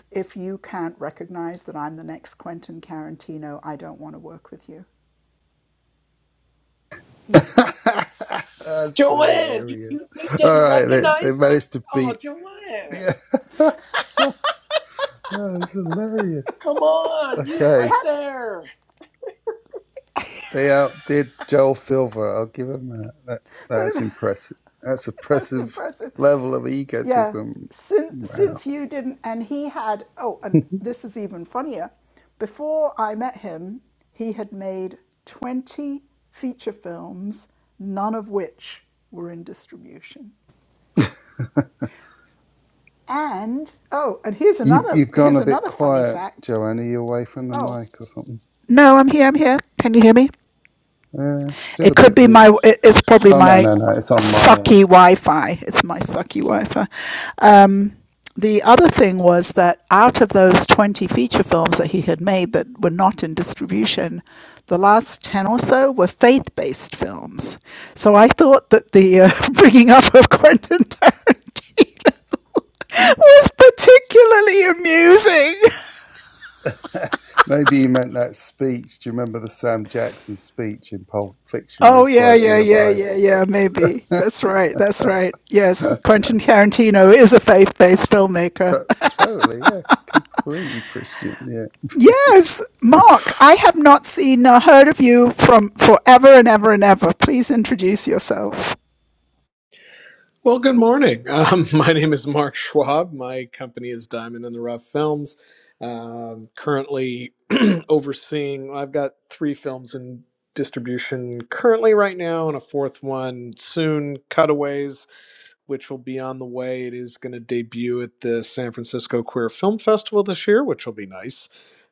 [SPEAKER 1] "If you can't recognize that I'm the next Quentin Tarantino, I don't want to work with you." He,
[SPEAKER 5] That's
[SPEAKER 3] Joanne, you, you,
[SPEAKER 5] hilarious.
[SPEAKER 3] you
[SPEAKER 5] All
[SPEAKER 3] didn't
[SPEAKER 5] right, they, they
[SPEAKER 3] recognize him?
[SPEAKER 5] managed to
[SPEAKER 3] Oh,
[SPEAKER 5] beat.
[SPEAKER 3] Joanne,
[SPEAKER 5] Yeah. Oh, it's hilarious.
[SPEAKER 3] come on, he was right
[SPEAKER 5] Okay,
[SPEAKER 1] that's
[SPEAKER 3] there.
[SPEAKER 5] they outdid Joel Silver. I'll give him that. that that's impressive. That's
[SPEAKER 1] that's
[SPEAKER 5] impressive
[SPEAKER 1] impressive.
[SPEAKER 5] level of
[SPEAKER 1] Yeah,
[SPEAKER 5] egotism.
[SPEAKER 1] since
[SPEAKER 5] Wow.
[SPEAKER 1] since you didn't, and he had. Oh, and this is even funnier. Before I met him, he had made twenty feature films, none of which were in distribution. And oh, and here's
[SPEAKER 5] You've
[SPEAKER 1] another
[SPEAKER 5] you've gone
[SPEAKER 1] here's
[SPEAKER 5] a bit
[SPEAKER 1] another funny
[SPEAKER 5] quiet,
[SPEAKER 1] fact.
[SPEAKER 5] Joanne. Are you away from the
[SPEAKER 1] Oh,
[SPEAKER 5] mic or something?
[SPEAKER 1] no, I'm here. I'm here. Can you hear me?
[SPEAKER 5] Uh, still a
[SPEAKER 1] It could
[SPEAKER 5] bit
[SPEAKER 1] be
[SPEAKER 5] weird.
[SPEAKER 1] my. It's probably
[SPEAKER 5] Oh no
[SPEAKER 1] my
[SPEAKER 5] no no, it's on my end.
[SPEAKER 1] sucky Wi-Fi. It's my sucky Wi-Fi. Um, the other thing was that out of those 20 feature films that he had made that were not in distribution, the last 10 or so were faith-based films. So I thought that the uh, bringing up of Quentin Tarantino was particularly amusing.
[SPEAKER 5] Maybe you meant that speech. Do you remember the Sam Jackson speech in Pulp Fiction where
[SPEAKER 1] Oh
[SPEAKER 5] he's
[SPEAKER 1] yeah,
[SPEAKER 5] quoting
[SPEAKER 1] yeah,
[SPEAKER 5] the
[SPEAKER 1] yeah, yeah,
[SPEAKER 5] Bible?
[SPEAKER 1] yeah. Maybe that's right. That's right. Yes, Quentin Tarantino is a faith-based
[SPEAKER 5] T-
[SPEAKER 1] filmmaker.
[SPEAKER 5] totally, yeah, completely Christian, yeah.
[SPEAKER 1] Yes, Mark, I have not seen or heard of you from forever and ever and ever. Please introduce yourself.
[SPEAKER 6] Well, good morning. Um, my name is Mark Schwab. My company is Diamond in the Rough Films. Um currently overseeing, I've got three films in distribution currently right now, and a fourth one soon, Cutaways which will be on the way. It is going to debut at the San Francisco Queer Film Festival this year, which will be nice.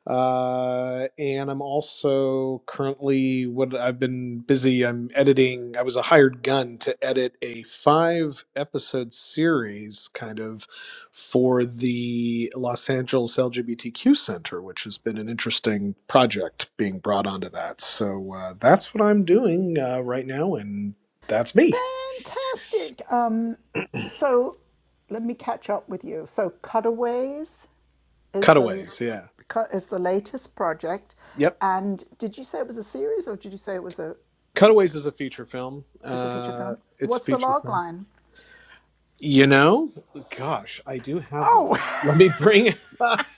[SPEAKER 6] Uh, and I'm also currently what I've been busy. I'm editing. I was a hired gun to edit a five episode series, kind of, for the Los Angeles LGBTQ Center, which has been an interesting project being brought onto that. So uh, that's what I'm doing uh, right now, and that's me.
[SPEAKER 1] Fantastic. Um, so let me catch up with you. So Cutaways is the
[SPEAKER 6] Cutaways, yeah.
[SPEAKER 1] cut is the latest project,
[SPEAKER 6] Yep.
[SPEAKER 1] and did you say it was a series or did you say it was a
[SPEAKER 6] Cutaways
[SPEAKER 1] feature?
[SPEAKER 6] is a feature film.
[SPEAKER 1] It's a feature
[SPEAKER 6] Uh,
[SPEAKER 1] film.
[SPEAKER 6] it's a
[SPEAKER 1] What's the
[SPEAKER 6] feature
[SPEAKER 1] log
[SPEAKER 6] film.
[SPEAKER 1] line?
[SPEAKER 6] You know, gosh, I do have one.
[SPEAKER 1] Oh,
[SPEAKER 6] Let me bring it up.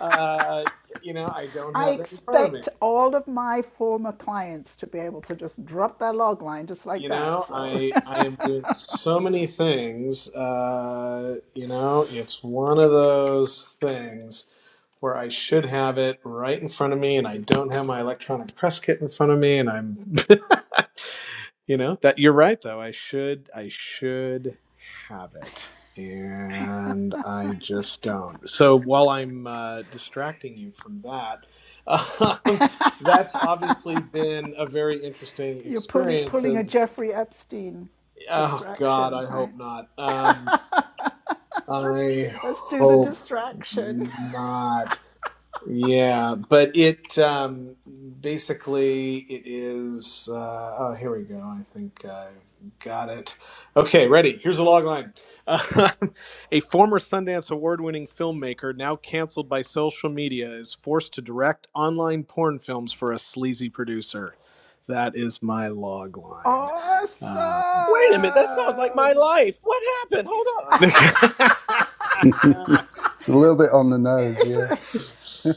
[SPEAKER 6] Uh, you know, I don't
[SPEAKER 1] I
[SPEAKER 6] have that in front of me.
[SPEAKER 1] expect all of my former clients to be able to just drop their log line just like
[SPEAKER 6] You
[SPEAKER 1] that.
[SPEAKER 6] know,
[SPEAKER 1] So
[SPEAKER 6] I I am doing so many things. Uh, you know, it's one of those things. where I should have it right in front of me, and I don't have my electronic press kit in front of me, and I'm, you know, that you're right though. I should, I should have it, and I just don't. So while I'm uh, distracting you from that, um, that's obviously been a very interesting
[SPEAKER 1] you're pulling
[SPEAKER 6] experience.
[SPEAKER 1] pulling a
[SPEAKER 6] As
[SPEAKER 1] Jeffrey Epstein
[SPEAKER 6] oh God,
[SPEAKER 1] distraction,
[SPEAKER 6] I
[SPEAKER 1] right?
[SPEAKER 6] hope not. Um,
[SPEAKER 1] Let's
[SPEAKER 6] I
[SPEAKER 1] let's do the
[SPEAKER 6] hope
[SPEAKER 1] distraction.
[SPEAKER 6] not. Yeah, but it um, basically it is. Uh, oh, here we go. I think I've got it. Okay, ready. Here's a log line. Uh, a former Sundance Award-winning filmmaker, now canceled by social media, is forced to direct online porn films for a sleazy producer. That is my log line. Uh,
[SPEAKER 3] Wait a minute, that sounds like my
[SPEAKER 1] Awesome.
[SPEAKER 3] life. What happened? Hold on.
[SPEAKER 5] it's a little bit on the nose,
[SPEAKER 1] It's
[SPEAKER 5] yeah.
[SPEAKER 1] a,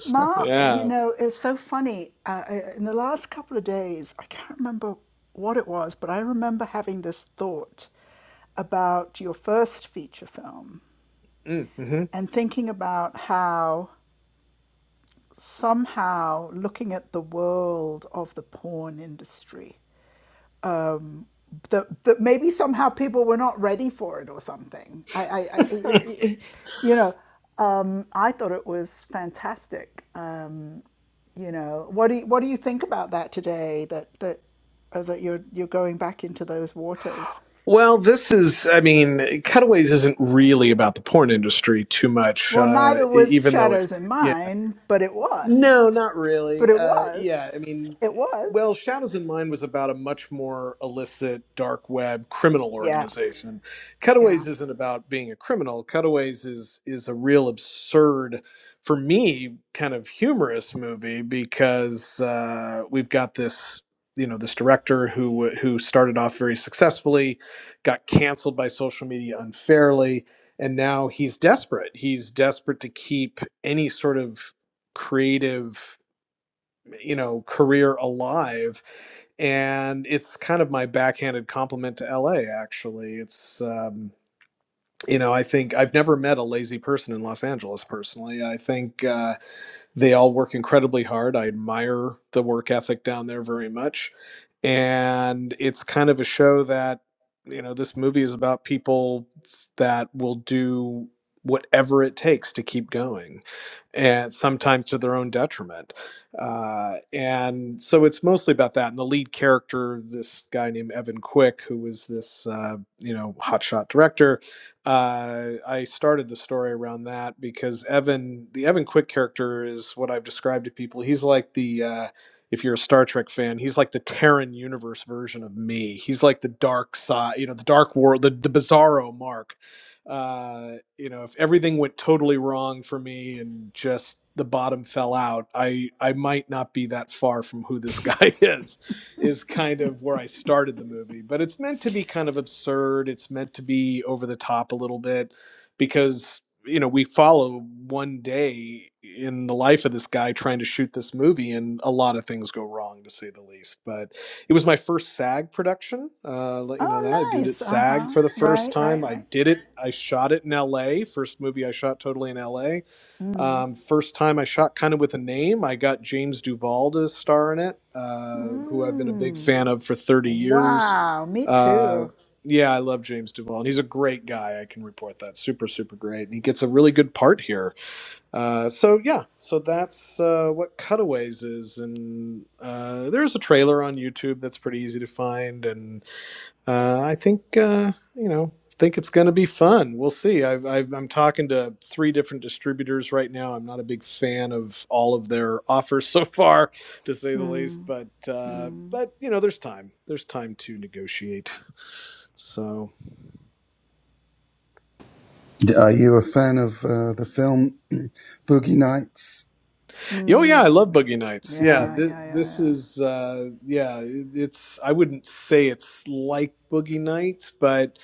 [SPEAKER 1] Mark, you
[SPEAKER 6] yeah.
[SPEAKER 1] know, it's so funny. Uh, uh, in the last couple of days, I can't remember what it was, but I remember having this thought about your first feature film
[SPEAKER 6] Mm, mhm.
[SPEAKER 1] and thinking about how somehow looking at the world of the porn industry that, that maybe somehow people were not ready for it or something i, I, I it- it- you know um, i thought it was fantastic um, you know what do you, what do you think about that today that that uh, that you're you're going back into those waters
[SPEAKER 6] Well, this is, I mean, Cutaways isn't really about the porn industry too much,
[SPEAKER 1] well
[SPEAKER 6] uh,
[SPEAKER 1] neither
[SPEAKER 6] e-
[SPEAKER 1] was
[SPEAKER 6] even though it,
[SPEAKER 1] shadows in
[SPEAKER 6] yeah.
[SPEAKER 1] mine but it was
[SPEAKER 6] No, not
[SPEAKER 1] but
[SPEAKER 6] really.
[SPEAKER 1] it
[SPEAKER 6] Uh, yeah, I
[SPEAKER 1] was.
[SPEAKER 6] mean,
[SPEAKER 1] It was.
[SPEAKER 6] well, Shadows in Mind was about a much more illicit, dark web criminal
[SPEAKER 1] Yeah,
[SPEAKER 6] organization.
[SPEAKER 1] Yeah.
[SPEAKER 6] Cutaways isn't about being a criminal. Cutaways is is a real absurd, for me, kind of humorous movie because uh, we've got this. You know this director who who started off very successfully, got canceled by social media unfairly, and now he's desperate. He's desperate to keep any sort of creative you know career alive and it's kind of my backhanded compliment to LA. Actually, it's um, you know I think I've never met a lazy person in Los Angeles personally. I think. Uh, they all work incredibly hard. I admire the work ethic down there very much. And it's kind of a show that, you know, this movie is about people that will do whatever it takes to keep going and sometimes to their own detriment. Uh, and so it's mostly about that. And the lead character, this guy named Evan Quick, who was this, uh, you know, hotshot director, uh, I started the story around that because Evan, the Evan Quick character, is what I've described to people. He's like the, uh, if you're a Star Trek fan, he's like the Terran universe version of me. He's like the dark side, you know, the dark world, the, the bizarro Mark. Uh, you know, if everything went totally wrong for me and just the bottom fell out, I I might not be that far from who this guy is is kind of where I started the movie. But it's meant to be kind of absurd. It's meant to be over the top a little bit because, you know, we follow one day in the life of this guy trying to shoot this movie, and a lot of things go wrong, to say the least. But it was my first SAG production. Uh, let you know that I
[SPEAKER 1] Oh,
[SPEAKER 6] did it
[SPEAKER 1] nice. Uh
[SPEAKER 6] SAG
[SPEAKER 1] huh.
[SPEAKER 6] for the first
[SPEAKER 1] Right,
[SPEAKER 6] time.
[SPEAKER 1] right,
[SPEAKER 6] I
[SPEAKER 1] right.
[SPEAKER 6] did it. I shot it in L.A. First movie I shot totally in L.A. Um, first time I shot kind of with a name, I got James Duval to star in it, uh, who I've been a big fan of for 30 years.
[SPEAKER 1] Wow. Me
[SPEAKER 6] Uh,
[SPEAKER 1] too.
[SPEAKER 6] yeah, I love James Duval, and he's a great guy. I can report that. Super, super great. And he gets a really good part here. Uh, so, yeah, so that's uh, what Cutaways is. And uh, there's a trailer on YouTube that's pretty easy to find. and uh, I think uh, you know think it's going to be fun. We'll see. I've, I've, I'm talking to three different distributors right now. I'm not a big fan of all of their offers so far, to say the least. But uh, but you know, there's time. There's time to negotiate. So.
[SPEAKER 5] D- Are you a fan of uh, the film Boogie Nights?
[SPEAKER 6] Oh yeah, I love Boogie Nights. Yeah,
[SPEAKER 1] Yeah,
[SPEAKER 6] this
[SPEAKER 1] yeah, yeah,
[SPEAKER 6] this
[SPEAKER 1] yeah.
[SPEAKER 6] is uh yeah, it- it's I wouldn't say it's like Boogie Nights, but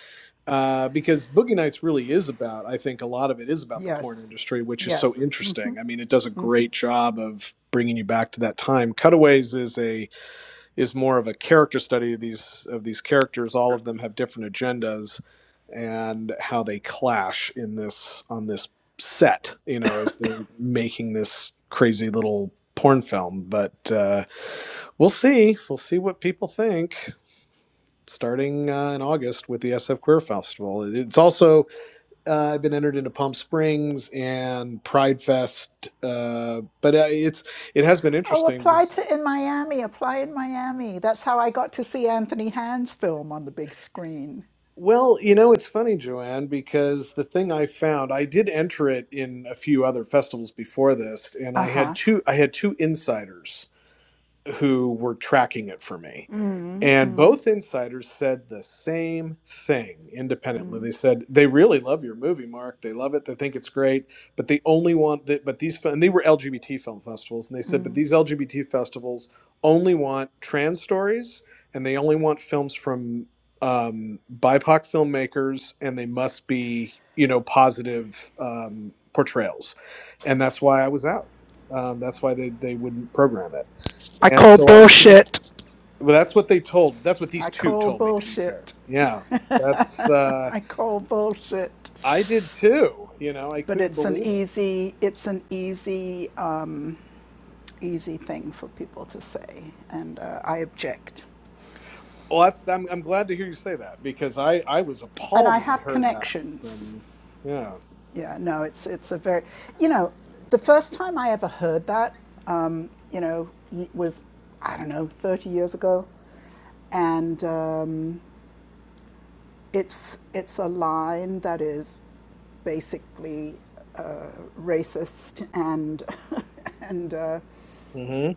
[SPEAKER 6] uh because Boogie Nights really is about I think a lot of it is about the porn
[SPEAKER 1] Yes.
[SPEAKER 6] industry, which is so
[SPEAKER 1] Yes. Mm.
[SPEAKER 6] interesting. I mean, it does a great job of bringing you back to that time. Cutaways is a is more of a character study of these of these characters. All of them have different agendas and how they clash in this on this set. You know, as they're making this crazy little porn film. But uh, we'll see. We'll see what people think. Starting uh, in August with the SF Queer Festival. It's also uh, I've been entered into Palm Springs and Pride Fest, uh, but uh, it's it has been
[SPEAKER 1] Oh,
[SPEAKER 6] interesting
[SPEAKER 1] apply
[SPEAKER 6] because
[SPEAKER 1] to in Miami. Apply in Miami. That's how I got to see Anthony Hand's film on the big screen.
[SPEAKER 6] Well, you know, it's funny, Joanne, because the thing I found, I did enter it in a few other festivals before this, and
[SPEAKER 1] Uh
[SPEAKER 6] I had
[SPEAKER 1] huh.
[SPEAKER 6] two I had two insiders who were tracking it for me. And both insiders said the same thing independently. They said they really love your movie, Mark. They love it. They think it's great. But they only want that. But these fi- and they were LGBT film festivals, and they said, but these LGBT festivals only want trans stories, and they only want films from um, BIPOC filmmakers, and they must be you know positive um, portrayals, and that's why I was out. Um, that's why they they wouldn't program it.
[SPEAKER 1] I
[SPEAKER 6] And
[SPEAKER 1] call
[SPEAKER 6] so I
[SPEAKER 1] bullshit.
[SPEAKER 6] well, that's what they told. That's what these
[SPEAKER 1] I
[SPEAKER 6] two
[SPEAKER 1] call
[SPEAKER 6] told me. To be fair,
[SPEAKER 1] bullshit.
[SPEAKER 6] yeah, that's uh,
[SPEAKER 1] I call bullshit.
[SPEAKER 6] I did too. You know, I
[SPEAKER 1] But
[SPEAKER 6] couldn't
[SPEAKER 1] it's an
[SPEAKER 6] believe it.
[SPEAKER 1] easy, it's an easy, um, easy thing for people to say, and uh, I object.
[SPEAKER 6] Well, that's I'm, I'm glad to hear you say that because I I was
[SPEAKER 1] and
[SPEAKER 6] appalled
[SPEAKER 1] I
[SPEAKER 6] when I
[SPEAKER 1] have
[SPEAKER 6] heard that
[SPEAKER 1] connections.
[SPEAKER 6] from yeah.
[SPEAKER 1] Yeah, no, it's it's a very, you know, the first time I ever heard that, um, you know, was I don't know, thirty years ago, and um, it's it's a line that is basically uh, racist and and uh,
[SPEAKER 6] hmm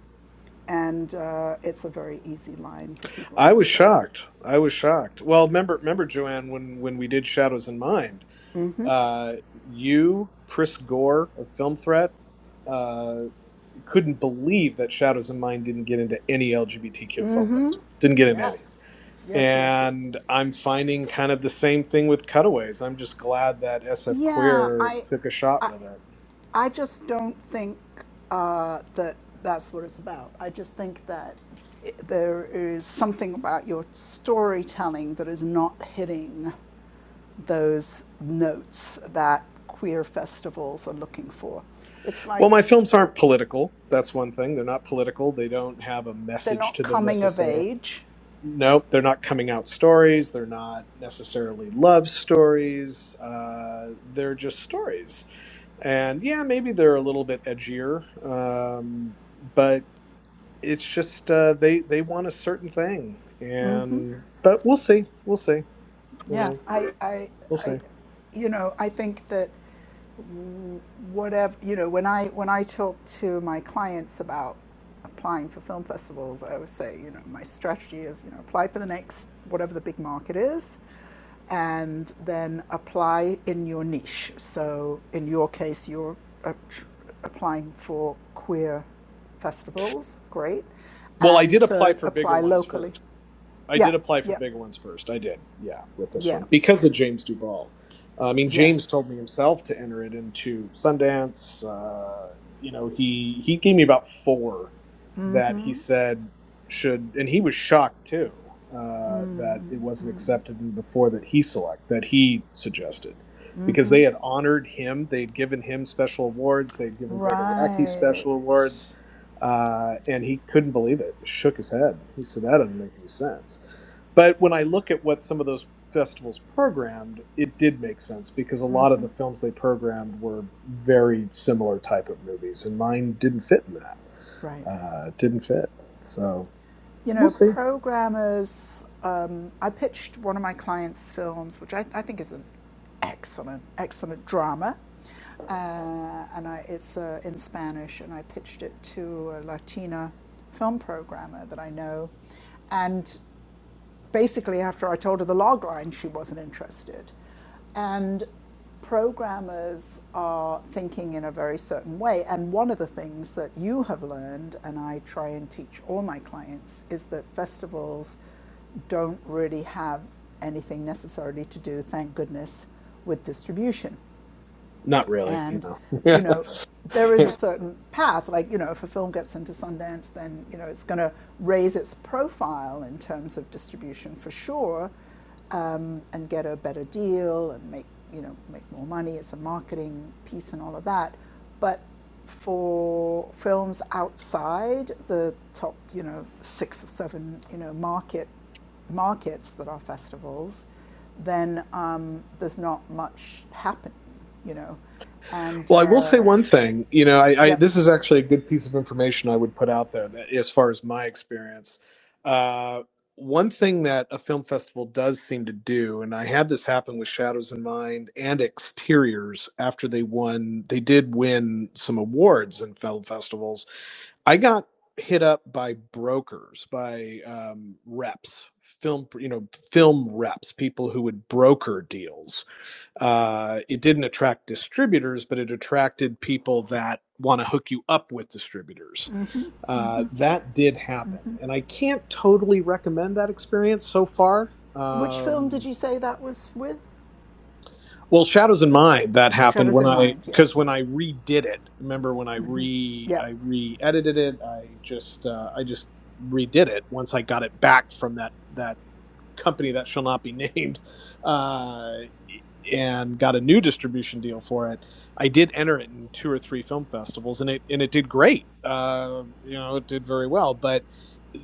[SPEAKER 1] and uh, it's a very easy line for people
[SPEAKER 6] I
[SPEAKER 1] to
[SPEAKER 6] was
[SPEAKER 1] say.
[SPEAKER 6] shocked. I was shocked. Well, remember remember Joanne when when we did Shadows in Mind, uh, you Chris Gore of Film Threat. Uh, couldn't believe that Shadows in Mind didn't get into any LGBTQ film festival. Didn't get in any.
[SPEAKER 1] Yes, yes, yes, yes.
[SPEAKER 6] And I'm finding kind of the same thing with cutaways. I'm just glad that SF
[SPEAKER 1] Yeah,
[SPEAKER 6] Queer
[SPEAKER 1] I,
[SPEAKER 6] took a shot
[SPEAKER 1] I,
[SPEAKER 6] with it.
[SPEAKER 1] I just don't think uh, that that's what it's about. I just think that i there is something about your storytelling that is not hitting those notes that queer festivals are looking for. It's
[SPEAKER 6] Well,
[SPEAKER 1] like
[SPEAKER 6] my films aren't political. That's one thing. They're not political. They don't have a
[SPEAKER 1] they're
[SPEAKER 6] message
[SPEAKER 1] not
[SPEAKER 6] to them
[SPEAKER 1] coming of
[SPEAKER 6] necessarily.
[SPEAKER 1] age.
[SPEAKER 6] Nope, they're not coming out stories. They're not necessarily love stories. Uh, they're just stories. And yeah, maybe they're a little bit edgier, um, but it's just uh, they they want a certain thing. And but we'll see. We'll see. You
[SPEAKER 1] Yeah,
[SPEAKER 6] know.
[SPEAKER 1] I, I,
[SPEAKER 6] We'll see.
[SPEAKER 1] I you know, I think that whatever you know when i when i talk to my clients about applying for film festivals i always say you know my strategy is you know apply for the next whatever the big market is and then apply in your niche so in your case you're uh, tr- applying for queer festivals great
[SPEAKER 6] Well, I
[SPEAKER 1] and
[SPEAKER 6] did apply
[SPEAKER 1] third
[SPEAKER 6] for bigger
[SPEAKER 1] apply
[SPEAKER 6] ones
[SPEAKER 1] locally
[SPEAKER 6] first. I
[SPEAKER 1] yeah
[SPEAKER 6] did apply for
[SPEAKER 1] yeah
[SPEAKER 6] bigger ones first. I did, yeah, with this one
[SPEAKER 1] yeah
[SPEAKER 6] because of James Duval. I mean, James told me
[SPEAKER 1] yes
[SPEAKER 6] himself to enter it into Sundance. Uh, you know, he he gave me about four that he said should, and he was shocked too uh, that it wasn't accepted in the four that he select that he suggested because they had honored him, they would given him special awards, they would given Gregor Racky
[SPEAKER 1] right
[SPEAKER 6] special awards Uh, and he couldn't believe it, He shook his head. He said, That doesn't make any sense. But when I look at what some of those festivals programmed, it did make sense because a lot of the films they programmed were very similar type of movies, and mine didn't fit in that.
[SPEAKER 1] right
[SPEAKER 6] Uh, didn't fit. So
[SPEAKER 1] You
[SPEAKER 6] we'll
[SPEAKER 1] know,
[SPEAKER 6] see.
[SPEAKER 1] programmers. Um, I pitched one of my clients' films, which I, I think is an excellent, excellent drama, uh, and I, it's uh, in Spanish. And I pitched it to a Latina film programmer that I know, and basically, after I told her the log line, she wasn't interested. And programmers are thinking in a very certain way. And one of the things that you have learned, and I try and teach all my clients, is that festivals don't really have anything necessarily to do, thank goodness, with distribution.
[SPEAKER 6] Not really.
[SPEAKER 1] And,
[SPEAKER 6] No.
[SPEAKER 1] you know, there is
[SPEAKER 6] Yeah.
[SPEAKER 1] a certain path. Like, you know, if a film gets into Sundance, then, you know, it's going to raise its profile in terms of distribution for sure um, and get a better deal and make, you know, make more money. It's a marketing piece and all of that. But for films outside the top, you know, six or seven, you know, market markets that are festivals, then um, there's not much happening, you know. And
[SPEAKER 6] Well, I will say
[SPEAKER 1] uh,
[SPEAKER 6] one thing. You know, I, I
[SPEAKER 1] yep.
[SPEAKER 6] this is actually a good piece of information I would put out there that, as far as my experience. Uh, one thing that a film festival does seem to do, and I had this happen with Shadows in Mind and Exteriors after they won, they did win some awards in film festivals. I got hit up by brokers, by um, reps, film, you know, film reps, people who would broker deals uh, it didn't attract distributors, but it attracted people that want to hook you up with distributors. Uh, that did happen. And I can't totally recommend that experience so far.
[SPEAKER 1] Which film did
[SPEAKER 6] Um,
[SPEAKER 1] you say that was with?
[SPEAKER 6] well, Shadows in Mind, that happened
[SPEAKER 1] Shadows
[SPEAKER 6] when
[SPEAKER 1] in
[SPEAKER 6] I,
[SPEAKER 1] Mind. Yeah.
[SPEAKER 6] because when I redid it, remember when I re,
[SPEAKER 1] Yeah.
[SPEAKER 6] I re-edited it, I just, uh, I just redid it once I got it back from that, that company that shall not be named. Uh, and got a new distribution deal for it. I did enter it in two or three film festivals, and it and it did great. Uh, you know, it did very well. But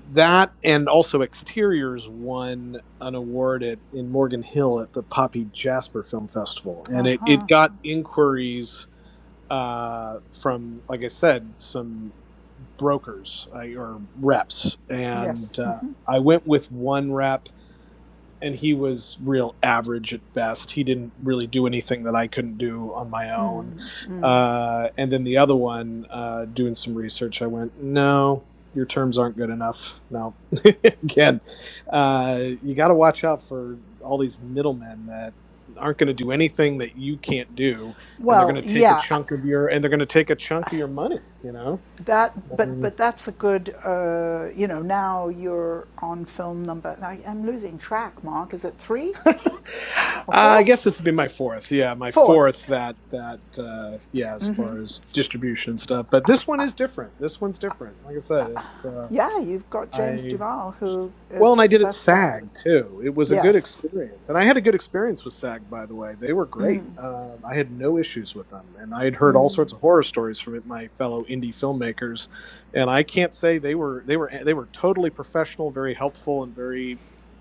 [SPEAKER 6] that and also Exteriors won an award at in Morgan Hill at the Poppy Jasper Film Festival, and
[SPEAKER 1] Uh
[SPEAKER 6] it it
[SPEAKER 1] huh.
[SPEAKER 6] got inquiries uh from like i said some brokers I, or reps
[SPEAKER 1] Yes.
[SPEAKER 6] and uh, i went with one rep and he was real average at best. He didn't really do anything that I couldn't do on my own. Uh, and then the other one, uh, doing some research, I went, no, your terms aren't good enough. No, again, uh, you got to watch out for all these middlemen that aren't going to do anything that you can't do, and they're going
[SPEAKER 1] Well,
[SPEAKER 6] to take a
[SPEAKER 1] yeah.
[SPEAKER 6] chunk of your and they're going to take a chunk of your money. You
[SPEAKER 1] That, but
[SPEAKER 6] know.
[SPEAKER 1] but that's a good. Uh, you know, now you're on film number. I, I'm losing track. Mark, is it three
[SPEAKER 6] Uh,
[SPEAKER 1] or
[SPEAKER 6] I
[SPEAKER 1] four?
[SPEAKER 6] guess this would be my fourth. Yeah, my
[SPEAKER 1] Fourth.
[SPEAKER 6] fourth. That that uh, yeah, as far as distribution and stuff. But this one is different. This one's different. Like I said, it's uh,
[SPEAKER 1] Yeah, you've got James
[SPEAKER 6] I
[SPEAKER 1] Duval, who
[SPEAKER 6] well, and I
[SPEAKER 1] is
[SPEAKER 6] did it
[SPEAKER 1] that's
[SPEAKER 6] SAG
[SPEAKER 1] fabulous.
[SPEAKER 6] too. It was a good
[SPEAKER 1] Yes.
[SPEAKER 6] experience, and I had a good experience with SAG. By the way, they were great. Uh, I had no issues with them, and I had heard all sorts of horror stories from it, my fellow indie filmmakers, and I can't say they were they were they were totally professional, very helpful, and very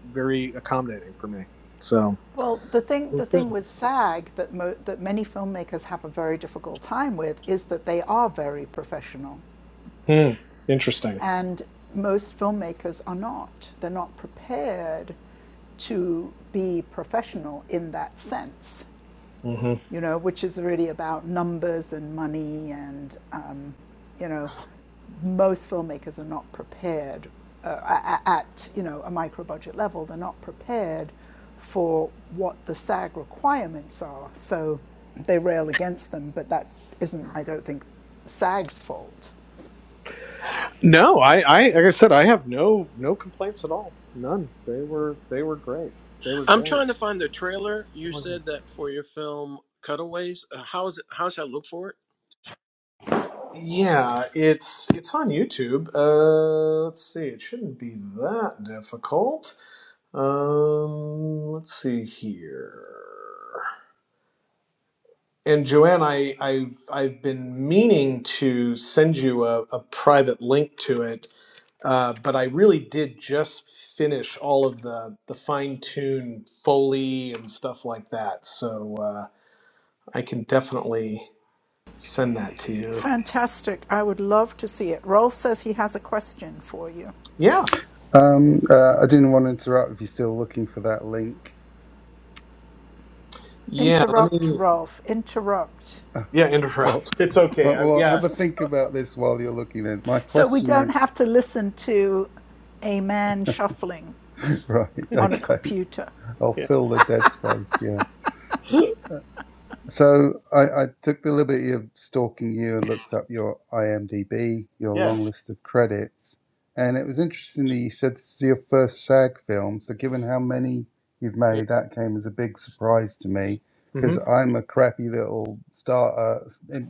[SPEAKER 6] very accommodating for me. So
[SPEAKER 1] Well, the thing,
[SPEAKER 6] it
[SPEAKER 1] the
[SPEAKER 6] was good.
[SPEAKER 1] thing with SAG that, mo- that many filmmakers have a very difficult time with is that they are very professional.
[SPEAKER 6] Hmm. Interesting.
[SPEAKER 1] And most filmmakers are not. They're not prepared to be professional in that sense
[SPEAKER 6] hmm
[SPEAKER 1] you know, which is really about numbers and money, and um, you know, most filmmakers are not prepared uh, at you know a micro budget level. They're not prepared for what the SAG requirements are, so they rail against them. But that isn't, I don't think, SAG's fault.
[SPEAKER 6] No, I, I like I said, I have no no complaints at all. None. They were they were great. They were
[SPEAKER 3] I'm
[SPEAKER 6] great.
[SPEAKER 3] trying to find the trailer.
[SPEAKER 6] They
[SPEAKER 3] You
[SPEAKER 6] were great.
[SPEAKER 3] said that for your film Cutaways. Uh, how is it? How should I look for it?
[SPEAKER 6] Yeah, it's it's on YouTube. Uh, let's see. It shouldn't be that difficult. Um, let's see here. And Joanne, I, I've I've been meaning to send you a, a private link to it Uh, but I really did just finish all of the the fine tune foley and stuff like that. So uh, I can definitely send that to you.
[SPEAKER 1] Fantastic. I would love to see it. Rolf says he has a question for you.
[SPEAKER 6] Yeah,
[SPEAKER 5] Um, uh, I didn't want to interrupt if you're still looking for that link.
[SPEAKER 6] yeah. Let
[SPEAKER 1] Interrupt,
[SPEAKER 6] me.
[SPEAKER 1] Rolf. Interrupt.
[SPEAKER 6] Yeah,
[SPEAKER 5] Well,
[SPEAKER 6] interrupt. It's okay.
[SPEAKER 5] well,
[SPEAKER 6] I,
[SPEAKER 5] well,
[SPEAKER 6] yeah,
[SPEAKER 5] have a think about this while you're looking at it. My
[SPEAKER 1] So we
[SPEAKER 5] question
[SPEAKER 1] don't
[SPEAKER 5] is,
[SPEAKER 1] have to listen to a man shuffling
[SPEAKER 5] right,
[SPEAKER 1] on a
[SPEAKER 5] okay,
[SPEAKER 1] computer.
[SPEAKER 5] I'll
[SPEAKER 6] yeah.
[SPEAKER 5] fill the dead space, yeah. So I, I took the liberty of stalking you and looked up your IMDb, your long
[SPEAKER 6] yes.
[SPEAKER 5] list of credits, and it was interesting that you said this is your first SAG film. So given how many you've
[SPEAKER 6] Yeah.
[SPEAKER 5] made, that came as a big surprise to me because
[SPEAKER 6] Mm-hmm.
[SPEAKER 5] I'm a crappy little starter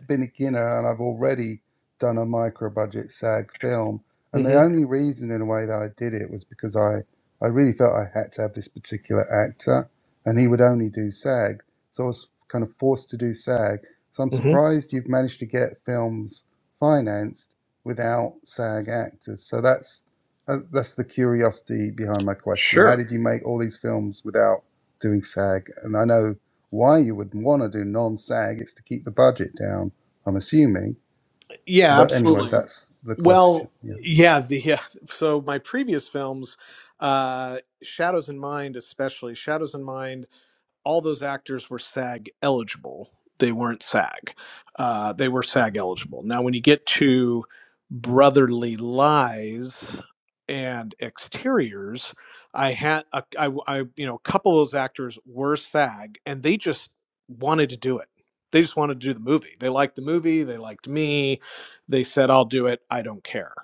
[SPEAKER 5] been a beginner, and I've already done a micro budget SAG film. And the
[SPEAKER 6] Mm-hmm.
[SPEAKER 5] only reason, in a way, that I did it was because I I really felt I had to have this particular actor, and he would only do SAG so I was kind of forced to do SAG. So I'm
[SPEAKER 6] Mm-hmm.
[SPEAKER 5] surprised you've managed to get films financed without SAG actors. So that's uh, that's the curiosity behind my question. How
[SPEAKER 6] Sure.
[SPEAKER 5] did you make all these films without doing SAG? And I know why you would want to do non-SAG. It's to keep the budget down. I'm assuming.
[SPEAKER 6] Yeah,
[SPEAKER 5] But anyway,
[SPEAKER 6] absolutely.
[SPEAKER 5] that's the question.
[SPEAKER 6] Well,
[SPEAKER 5] Yeah.
[SPEAKER 6] yeah. The yeah. So my previous films, uh, Shadows in Mind, especially Shadows in Mind all those actors were SAG eligible. They weren't SAG. Uh, they were SAG eligible. Now, when you get to Brotherly Lies and Exteriors, I had a, I, I, you know, a couple of those actors were SAG, and they just wanted to do it. They just wanted to do the movie. They liked the movie. They liked me. They said, "I'll do it. I don't care."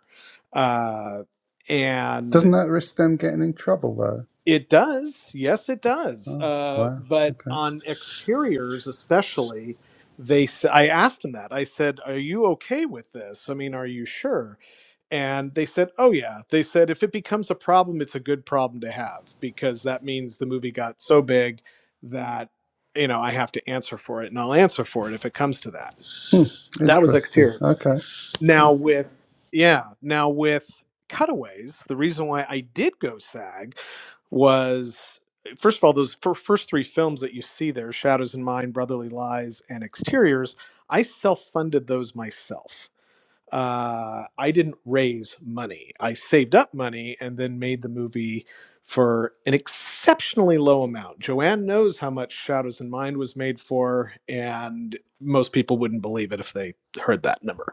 [SPEAKER 6] Uh, and
[SPEAKER 5] Doesn't that risk them getting in trouble though?
[SPEAKER 6] it does. Yes, it does.
[SPEAKER 5] Oh,
[SPEAKER 6] Uh,
[SPEAKER 5] wow.
[SPEAKER 6] but
[SPEAKER 5] Okay.
[SPEAKER 6] on exteriors, especially, they. s- I asked him that. I said, "Are you okay with this? I mean, are you sure?" And they said, "Oh yeah." They said, "If it becomes a problem, it's a good problem to have because that means the movie got so big that you know I have to answer for it, and I'll answer for it if it comes to that." That was
[SPEAKER 5] Interesting.
[SPEAKER 6] exteriors.
[SPEAKER 5] Okay. Cool.
[SPEAKER 6] Now with yeah, now with cutaways, the reason why I did go SAG was first of all those fir- first three films that you see there shadows in mind brotherly lies and exteriors i self-funded those myself uh, i didn't raise money i saved up money and then made the movie for an exceptionally low amount joanne knows how much shadows in mind was made for and most people wouldn't believe it if they heard that number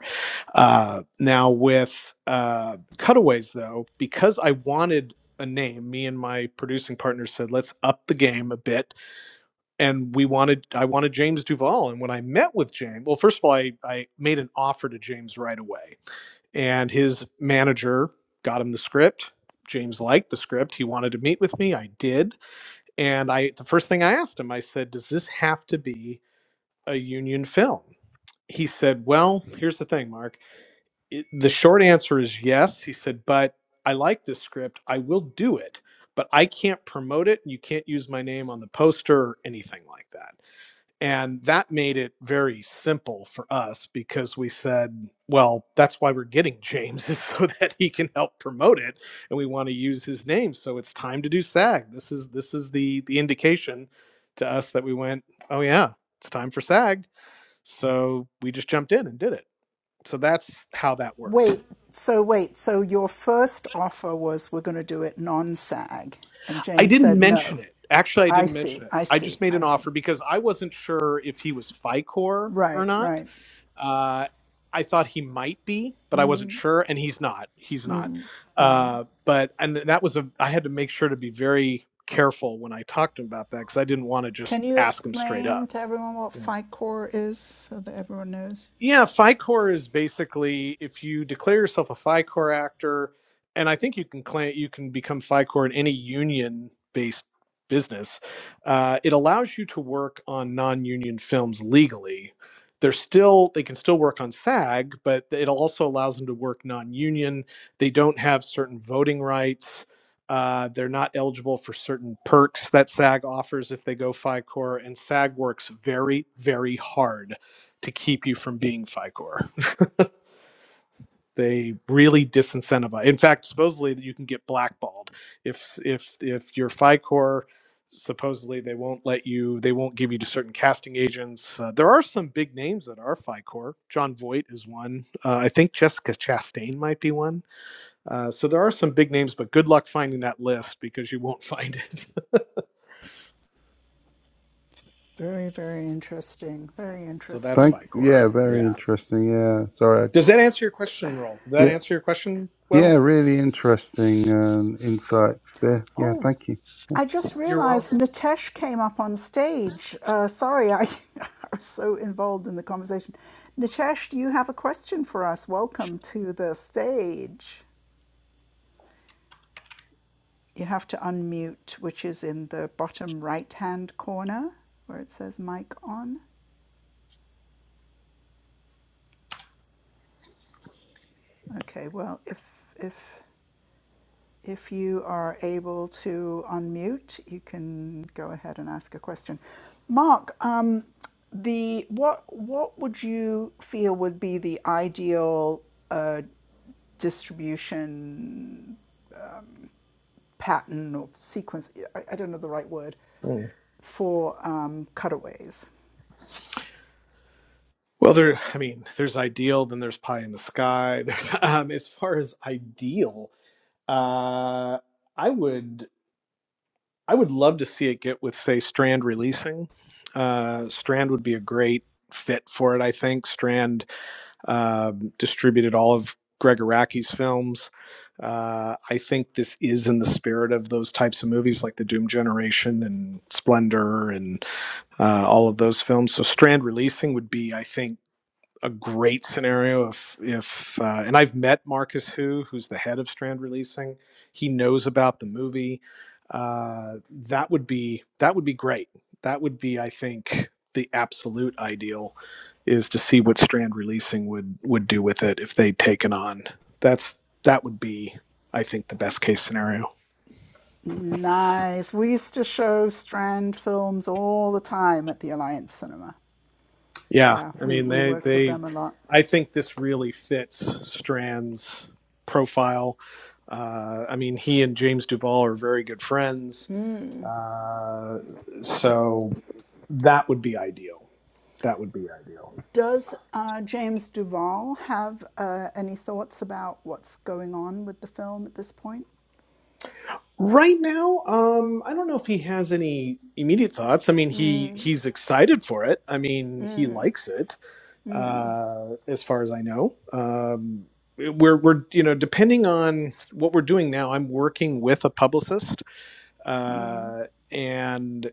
[SPEAKER 6] uh, now with uh, cutaways though, because I wanted a name, me and my producing partner said, let's up the game a bit. And we wanted, I wanted James Duval. And when I met with James, well, first of all, I, I made an offer to James right away and his manager got him the script. James liked the script. He wanted to meet with me. I did. And I, the first thing I asked him, I said, does this have to be a union film? He said, well, here's the thing, Mark it, the short answer is yes. He said, but I like this script. I will do it, but I can't promote it. You can't use my name on the poster or anything like that. And that made it very simple for us because we said, well, that's why we're getting James is so that he can help promote it, and we want to use his name. So it's time to do SAG. This is this is the the indication to us that we went, oh yeah, it's time for SAG. So we just jumped in and did it. So that's how that worked.
[SPEAKER 1] Wait, so wait, so your first offer was we're going to do it non SAG. And
[SPEAKER 6] I
[SPEAKER 1] James
[SPEAKER 6] didn't
[SPEAKER 1] said no.
[SPEAKER 6] mention it. Actually, I
[SPEAKER 1] I
[SPEAKER 6] didn't mention
[SPEAKER 1] see,
[SPEAKER 6] it.
[SPEAKER 1] I
[SPEAKER 6] I just
[SPEAKER 1] see,
[SPEAKER 6] made
[SPEAKER 1] I
[SPEAKER 6] an offer
[SPEAKER 1] see.
[SPEAKER 6] because I wasn't sure if he was FICOR or
[SPEAKER 1] Right,
[SPEAKER 6] not.
[SPEAKER 1] right.
[SPEAKER 6] Uh, I thought he might be, but I wasn't sure, and he's not. He's not. Uh, but and that was a. I had to make sure to be very careful when I talked to him about that because I didn't want to just
[SPEAKER 1] Can you
[SPEAKER 6] ask him straight
[SPEAKER 1] explain
[SPEAKER 6] up.
[SPEAKER 1] to everyone what FICOR is so that everyone knows?
[SPEAKER 6] Yeah, FICOR is basically if you declare yourself a FICOR actor, and I think you can claim you can become FICOR in any union-based business. Uh, it allows you to work on non-union films legally. They're still they can still work on SAG, but it also allows them to work non-union. They don't have certain voting rights. Uh, they're not eligible for certain perks that SAG offers if they go FICOR, and SAG works very, very hard to keep you from being FICOR. They really disincentivize. In fact, supposedly you can get blackballed if if if you're FICOR. Supposedly they won't let you. They won't give you to certain casting agents. Uh, there are some big names that are FICOR. John Voight is one. Uh, I think Jessica Chastain might be one. Uh, so there are some big names, but good luck finding that list because you won't find it.
[SPEAKER 1] Very, very interesting. Very
[SPEAKER 6] so that's
[SPEAKER 1] interesting.
[SPEAKER 5] Thank
[SPEAKER 6] FICOR.
[SPEAKER 5] yeah, very
[SPEAKER 6] Yeah.
[SPEAKER 5] interesting. Yeah, sorry. I-
[SPEAKER 6] Does that answer your question, Rolf? Did that
[SPEAKER 5] Yeah,
[SPEAKER 6] answer your question? Well,
[SPEAKER 5] yeah, really interesting um, insights there. Yeah,
[SPEAKER 1] Oh.
[SPEAKER 5] thank you.
[SPEAKER 1] I just
[SPEAKER 6] you're
[SPEAKER 1] realized
[SPEAKER 6] welcome.
[SPEAKER 1] Nitesh came up on stage. Uh, sorry, I, I was so involved in the conversation. Nitesh, do you have a question for us? Welcome to the stage. You have to unmute, which is in the bottom right hand corner where it says mic on. Okay, well, if, if If you are able to unmute, you can go ahead and ask a question. Mark, um, the what what would you feel would be the ideal uh, distribution pattern or sequence? I, I don't know the right word for um, cutaways.
[SPEAKER 6] Well, there. I mean, there's ideal, then there's pie in the sky. There's um, as far as ideal, uh, I would I would love to see it get with say Strand releasing. Uh, Strand would be a great fit for it. I think Strand um, distributed all of Gregoraki's films. Uh, I think this is in the spirit of those types of movies, like the Doom Generation and Splendor, and uh, all of those films. So Strand releasing would be, I think a great scenario if if uh, and I've met Marcus Who, who's the head of Strand Releasing. He knows about the movie. Uh, that would be that would be great. That would be, I think, the absolute ideal is to see what Strand Releasing would would do with it if they'd taken on. That's that would be, I think, the best case scenario.
[SPEAKER 1] Nice. We used to show Strand films all the time at the Alliance Cinema.
[SPEAKER 6] Yeah,
[SPEAKER 1] Yeah,
[SPEAKER 6] I
[SPEAKER 1] we,
[SPEAKER 6] mean
[SPEAKER 1] we
[SPEAKER 6] they
[SPEAKER 1] worked with
[SPEAKER 6] they
[SPEAKER 1] them a lot.
[SPEAKER 6] I think this really fits Strand's profile. Uh, I mean he and James Duval are very good friends. Uh, so that would be ideal. That would be ideal.
[SPEAKER 1] Does uh, James Duval have uh, any thoughts about what's going on with the film at this point?
[SPEAKER 6] Right now, um, I don't know if he has any immediate thoughts. I mean, he he's excited for it. I mean, he likes it. uh, as far as I know. Um, we're we're you know depending on what we're doing now. I'm working with a publicist, uh, and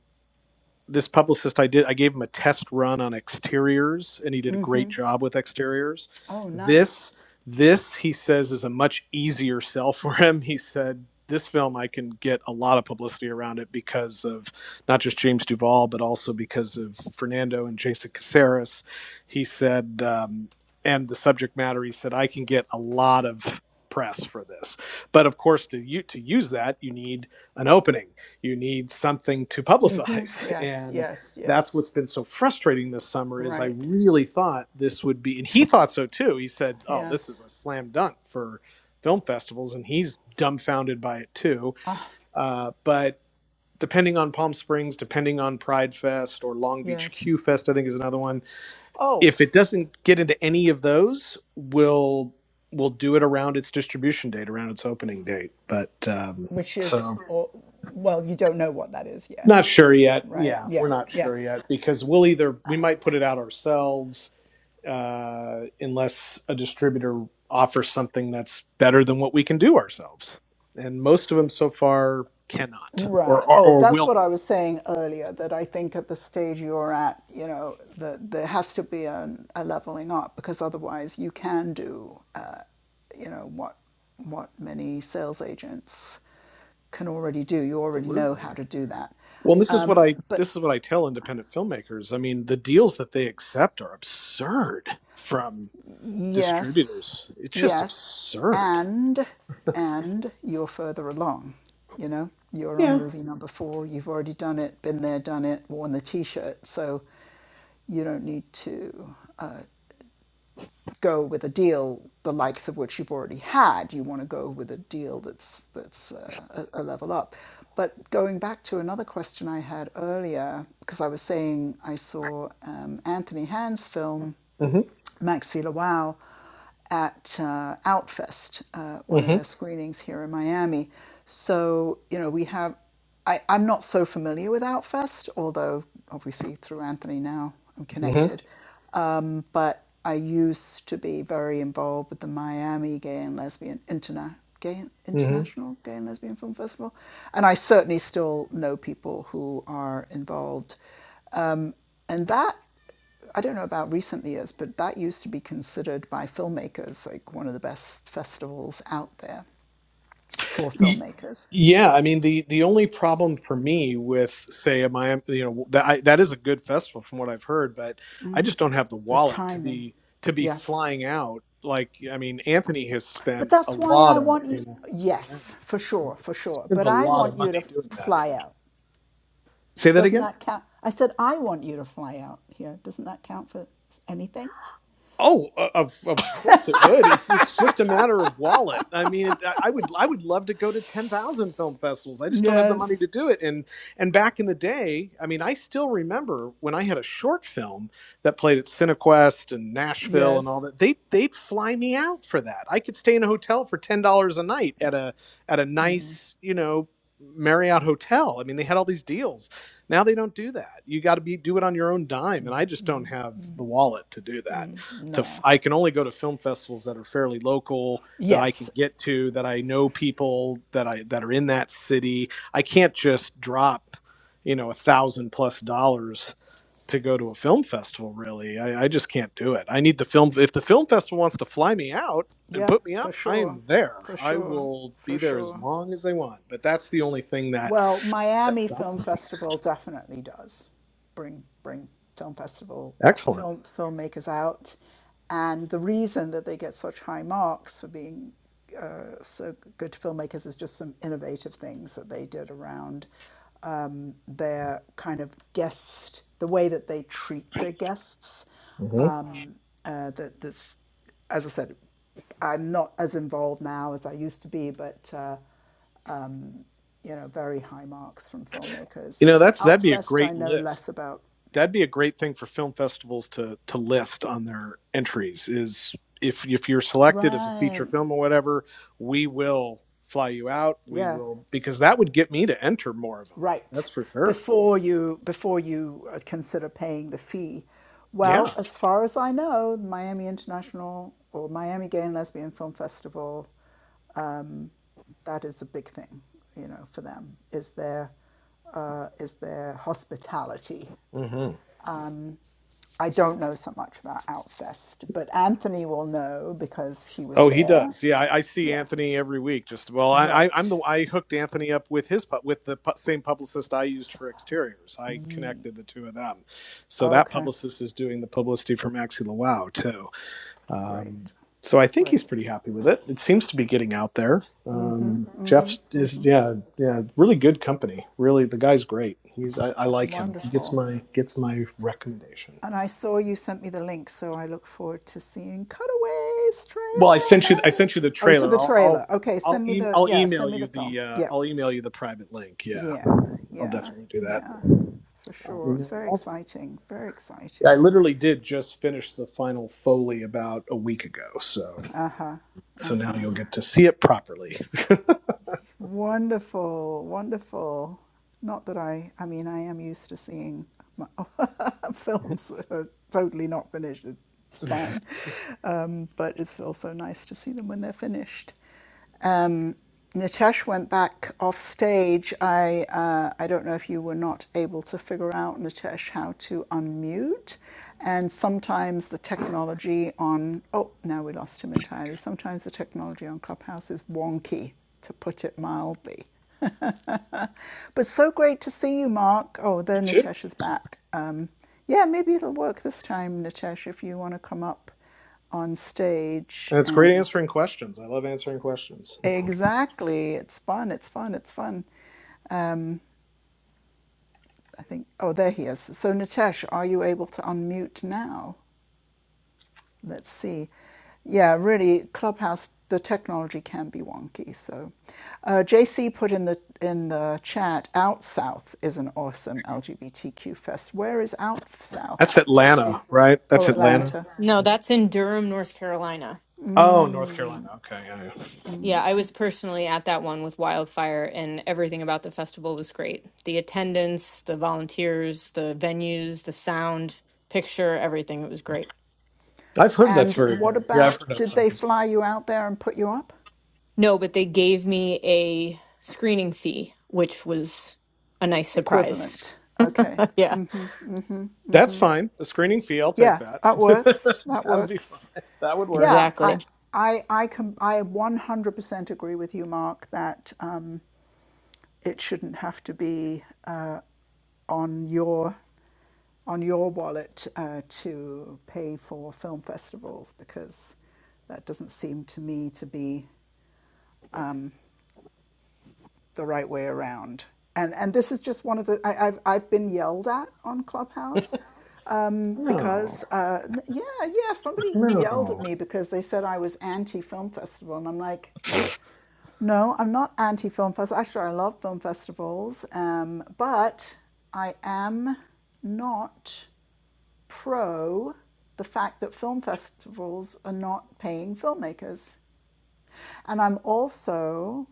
[SPEAKER 6] this publicist I did I gave him a test run on exteriors and he did a great job with exteriors.
[SPEAKER 1] Oh, nice.
[SPEAKER 6] This this he says is a much easier sell for him. He said this film I can get a lot of publicity around it because of not just James Duvall, but also because of Fernando and Jason Caceres. He said um, and the subject matter he said I can get a lot of press for this. But of course to you to use that you need an opening you need something to publicize
[SPEAKER 1] Yes,
[SPEAKER 6] and
[SPEAKER 1] yes,
[SPEAKER 6] that's what's
[SPEAKER 1] yes.
[SPEAKER 6] been so frustrating this summer is i
[SPEAKER 1] Right.
[SPEAKER 6] really thought this would be and he thought so too he said oh this
[SPEAKER 1] Yes,
[SPEAKER 6] is a slam dunk for film festivals and he's dumbfounded by it too uh, but depending on palm springs depending on pride fest or long beach q
[SPEAKER 1] yes.
[SPEAKER 6] fest i think is another one
[SPEAKER 1] Oh,
[SPEAKER 6] if it doesn't get into any of those we'll we'll do it around its distribution date around its opening date but um,
[SPEAKER 1] which is,
[SPEAKER 6] so
[SPEAKER 1] or, well, you don't know what that is
[SPEAKER 6] Not
[SPEAKER 1] yet,
[SPEAKER 6] sure yet.
[SPEAKER 1] right?
[SPEAKER 6] Yeah, we're
[SPEAKER 1] Yeah,
[SPEAKER 6] not
[SPEAKER 1] yeah.
[SPEAKER 6] sure yet because we'll either we might put it out ourselves uh, unless a distributor offers something that's better than what we can do ourselves. And most of them so far cannot or
[SPEAKER 1] Right.
[SPEAKER 6] or,
[SPEAKER 1] Oh,
[SPEAKER 6] or
[SPEAKER 1] that's
[SPEAKER 6] will.
[SPEAKER 1] what I was saying earlier, that I think at the stage you're at, you know, that there has to be an, a leveling up because otherwise you can do, uh, you know, what, what many sales agents can already do. You already know
[SPEAKER 6] Absolutely.
[SPEAKER 1] how to do that.
[SPEAKER 6] Well, this is what
[SPEAKER 1] Um,
[SPEAKER 6] I
[SPEAKER 1] but
[SPEAKER 6] this is what I tell independent filmmakers. I mean, the deals that they accept are absurd from
[SPEAKER 1] yes,
[SPEAKER 6] distributors. It's just
[SPEAKER 1] yes,
[SPEAKER 6] absurd.
[SPEAKER 1] and and you're further along. You know, you're on
[SPEAKER 6] Yeah.
[SPEAKER 1] movie number four. You've already done it, been there, done it, worn the T-shirt, so you don't need to uh, go with a deal the likes of which you've already had. You want to go with a deal that's that's uh, a, a level up. But going back to another question I had earlier, because I was saying I saw um, Anthony Hand's film
[SPEAKER 6] Mhm.
[SPEAKER 1] Maxi Wow at uh, Outfest, uh, one of
[SPEAKER 6] Mhm.
[SPEAKER 1] their screenings here in Miami. So, you know, we have, I, I'm not so familiar with Outfest, although obviously through Anthony now I'm connected. Um, but I used to be very involved with the Miami Gay and Lesbian Interna- Gay
[SPEAKER 6] Mhm.
[SPEAKER 1] International Gay and Lesbian Film Festival. And I certainly still know people who are involved and that, I don't know about recent years, but that used to be considered by filmmakers like one of the best festivals out there for
[SPEAKER 6] Y-
[SPEAKER 1] filmmakers.
[SPEAKER 6] Yeah, I mean the the only problem for me with say Miami, you know that I, that is a good festival from what I've heard, but I just don't have the
[SPEAKER 1] The
[SPEAKER 6] wallet to
[SPEAKER 1] timing,
[SPEAKER 6] be to be
[SPEAKER 1] yeah.
[SPEAKER 6] flying out. Like I mean, Anthony has
[SPEAKER 1] But
[SPEAKER 6] spent a
[SPEAKER 1] that's why
[SPEAKER 6] lot
[SPEAKER 1] I
[SPEAKER 6] of
[SPEAKER 1] want you,
[SPEAKER 6] you know
[SPEAKER 1] yes, for
[SPEAKER 6] yeah,
[SPEAKER 1] sure, for sure.
[SPEAKER 6] spends
[SPEAKER 1] But
[SPEAKER 6] a
[SPEAKER 1] I
[SPEAKER 6] lot of
[SPEAKER 1] want you to
[SPEAKER 6] money doing that.
[SPEAKER 1] fly out.
[SPEAKER 6] Say that
[SPEAKER 1] Doesn't
[SPEAKER 6] again.
[SPEAKER 1] that count? I said, I want you to fly out here. Doesn't that count for anything?
[SPEAKER 6] Oh, o- of of course it would. It's it's just a matter of wallet. I mean, it, I I would I would love to go to ten thousand film festivals. I just don't have the money
[SPEAKER 1] Yes,
[SPEAKER 6] to do it. And and back in the day, I mean, I still remember when I had a short film that played at Cinequest and Nashville and all
[SPEAKER 1] yes.
[SPEAKER 6] that. They they'd fly me out for that. I could stay in a hotel for ten dollars a night at a at a nice you know Marriott hotel. I mean, they had all these deals. Now they don't do that. You got to be do it on your own dime, and I just don't have the wallet to do that to f-
[SPEAKER 1] No.
[SPEAKER 6] I can only go to film festivals that are fairly local that I can
[SPEAKER 1] Yes.
[SPEAKER 6] get to that I know people that I that are in that city. I can't just drop, you know, a thousand plus dollars to go to a film festival. Really, I, I just can't do it. I need the film. If the film festival wants to fly me out and
[SPEAKER 1] Yep,
[SPEAKER 6] put me
[SPEAKER 1] for
[SPEAKER 6] up, I
[SPEAKER 1] sure.
[SPEAKER 6] am there.
[SPEAKER 1] For
[SPEAKER 6] I
[SPEAKER 1] sure.
[SPEAKER 6] will be
[SPEAKER 1] For
[SPEAKER 6] there as
[SPEAKER 1] sure.
[SPEAKER 6] long as they want. But that's the only thing that
[SPEAKER 1] Well,
[SPEAKER 6] that
[SPEAKER 1] Miami
[SPEAKER 6] stops
[SPEAKER 1] Film
[SPEAKER 6] me.
[SPEAKER 1] Festival definitely does bring bring film festival
[SPEAKER 6] Excellent.
[SPEAKER 1] film filmmakers out, and the reason that they get such high marks for being uh, so good filmmakers is just some innovative things that they did around um, their kind of guest, the way that they treat their guests.
[SPEAKER 6] hmm
[SPEAKER 1] Um, uh, that that's, as I said, I'm not as involved now as I used to be, but. Uh, you know, very high marks from filmmakers.
[SPEAKER 6] You know, that's that'd be a
[SPEAKER 1] Outfest, I
[SPEAKER 6] great
[SPEAKER 1] know
[SPEAKER 6] list.
[SPEAKER 1] less about.
[SPEAKER 6] that'd be a great thing for film festivals to to list on their entries is if if you're selected as a feature
[SPEAKER 1] Right.
[SPEAKER 6] film or whatever, we will fly you out. We
[SPEAKER 1] Yeah.
[SPEAKER 6] will because that would get me to enter more of them.
[SPEAKER 1] Right.
[SPEAKER 6] That's for sure.
[SPEAKER 1] Before you before you uh, consider paying the fee,
[SPEAKER 6] Yeah.
[SPEAKER 1] well, as far as I know, Miami International or Miami Gay and Lesbian Film Festival, that is a big thing, you know, for them. Is their uh, is their hospitality
[SPEAKER 6] hmm
[SPEAKER 1] Um, I don't know so much about Outfest, but Anthony will know because he was
[SPEAKER 6] Oh, he
[SPEAKER 1] there.
[SPEAKER 6] does. Yeah, I, I see
[SPEAKER 1] Yeah,
[SPEAKER 6] Anthony every week. Just well, I, I, I'm the
[SPEAKER 1] right.
[SPEAKER 6] I hooked Anthony up with his pu- with the pu- same publicist I used for exteriors. I connected the two of them, so that
[SPEAKER 1] Okay,
[SPEAKER 6] publicist is doing the publicity for Maxi Lawau too. Um,
[SPEAKER 1] great,
[SPEAKER 6] so I think he's pretty
[SPEAKER 1] great,
[SPEAKER 6] happy with it. It seems to be getting out there. Um, Jeff is, yeah, yeah, really good company. Really, the guy's great. He's, I, I like him. He gets
[SPEAKER 1] wonderful.
[SPEAKER 6] my gets my recommendation.
[SPEAKER 1] And I saw you sent me the link, so I look forward to seeing Cutaways
[SPEAKER 6] Well, I
[SPEAKER 1] trailer.
[SPEAKER 6] sent you, I sent you
[SPEAKER 1] Fabulous.
[SPEAKER 6] the
[SPEAKER 1] Oh, you said
[SPEAKER 6] trailer.
[SPEAKER 1] the
[SPEAKER 6] I'll, I'll,
[SPEAKER 1] trailer. Okay,
[SPEAKER 6] I'll,
[SPEAKER 1] send me
[SPEAKER 6] e-
[SPEAKER 1] the
[SPEAKER 6] I'll
[SPEAKER 1] yeah,
[SPEAKER 6] email
[SPEAKER 1] send me the
[SPEAKER 6] you
[SPEAKER 1] film.
[SPEAKER 6] the, uh,
[SPEAKER 1] Yeah.
[SPEAKER 6] I'll email you the private link. Yeah,
[SPEAKER 1] Yeah,
[SPEAKER 6] I'll
[SPEAKER 1] yeah,
[SPEAKER 6] definitely do that.
[SPEAKER 1] yeah, for
[SPEAKER 6] I'll
[SPEAKER 1] sure. It's
[SPEAKER 6] email it
[SPEAKER 1] very
[SPEAKER 6] all to you.
[SPEAKER 1] exciting. Very
[SPEAKER 6] Yeah, I
[SPEAKER 1] exciting.
[SPEAKER 6] literally did just finish the final foley about a week ago. So,
[SPEAKER 1] Uh huh.
[SPEAKER 6] so now you'll get to see it properly.
[SPEAKER 1] Wonderful, wonderful. Not that I, I mean, I am used to seeing my, films that are totally not finished. It's fine.
[SPEAKER 6] You
[SPEAKER 1] Um, but it's also nice to see them when they're finished. Um, Nitesh went back off stage. I, uh, I don't know if you were not able to figure out, Nitesh, how to unmute. And sometimes the technology on, oh, now we lost him entirely. Sometimes the technology on Clubhouse is wonky to put it mildly. But so great to see you, Mark. Oh, there
[SPEAKER 6] too.
[SPEAKER 1] Natasha's back. Um, yeah, maybe it'll work this time, Natasha, if you want to come up on stage
[SPEAKER 6] And it's great
[SPEAKER 1] and
[SPEAKER 6] answering questions. I love answering questions.
[SPEAKER 1] exactly, it's fun, it's fun, it's fun. I think, oh, there he is. So, Natasha, are you able to unmute now? Let's see. Yeah, really, Clubhouse, the technology can be wonky. So, uh, JC put in the in the chat, Out South is an awesome LGBTQ fest. Where is Out South,
[SPEAKER 6] That's Atlanta,
[SPEAKER 1] JC?
[SPEAKER 6] right? That's
[SPEAKER 1] Oh,
[SPEAKER 6] Atlanta.
[SPEAKER 1] Atlanta.
[SPEAKER 2] No, that's in Durham, North Carolina.
[SPEAKER 6] Oh, North Carolina. Okay, yeah, yeah.
[SPEAKER 2] Yeah, I was personally at that one with Wildfire, and everything about the festival was great. The attendance, the volunteers, the venues, the sound, picture, everything. It was great.
[SPEAKER 6] I've heard that's
[SPEAKER 1] And
[SPEAKER 6] very
[SPEAKER 1] what
[SPEAKER 6] good. Yeah, I've
[SPEAKER 1] about?
[SPEAKER 6] heard that's
[SPEAKER 1] Did
[SPEAKER 6] not
[SPEAKER 1] they
[SPEAKER 6] as good.
[SPEAKER 1] fly you out there and put you up?
[SPEAKER 2] No, but they gave me a screening fee, which was a nice surprise.
[SPEAKER 1] Equivalent. Okay.
[SPEAKER 2] yeah,
[SPEAKER 6] That's fine. A screening fee, I'll take
[SPEAKER 1] Yeah,
[SPEAKER 6] that.
[SPEAKER 1] that works. That
[SPEAKER 6] That'd be fine.
[SPEAKER 1] works.
[SPEAKER 6] That would
[SPEAKER 1] Yeah,
[SPEAKER 6] work.
[SPEAKER 1] I
[SPEAKER 2] exactly.
[SPEAKER 1] I I can I 100% agree with you, Mark. That. Um, it shouldn't have to be uh, on your on your wallet uh, to pay for film festivals because that doesn't seem to me to be the right way around. And and this is just one of the I, I've I've been yelled at on Clubhouse um,
[SPEAKER 6] No,
[SPEAKER 1] because uh, yeah yeah somebody yelled at
[SPEAKER 6] no,
[SPEAKER 1] me because they said I was anti film festival and I'm like No, I'm not anti film festivals. Actually, I love film festivals, um, but I am not pro the fact that film festivals are not paying filmmakers. And I'm also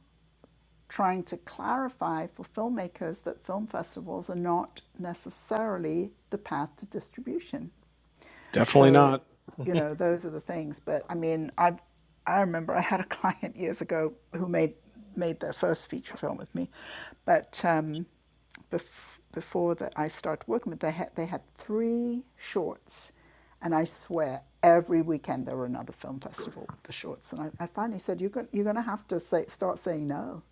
[SPEAKER 1] trying to clarify for filmmakers that film festivals are not necessarily the path to distribution.
[SPEAKER 6] definitely
[SPEAKER 1] So,
[SPEAKER 6] not.
[SPEAKER 1] you know, those are the things. But I mean, I I remember I had a client years ago who made made their first feature film with me, but um, bef- before that I started working with them, they had they had three shorts, and I swear every weekend there were another film festival with the shorts. And I, I finally said, "You're going you're going to have to say start saying no."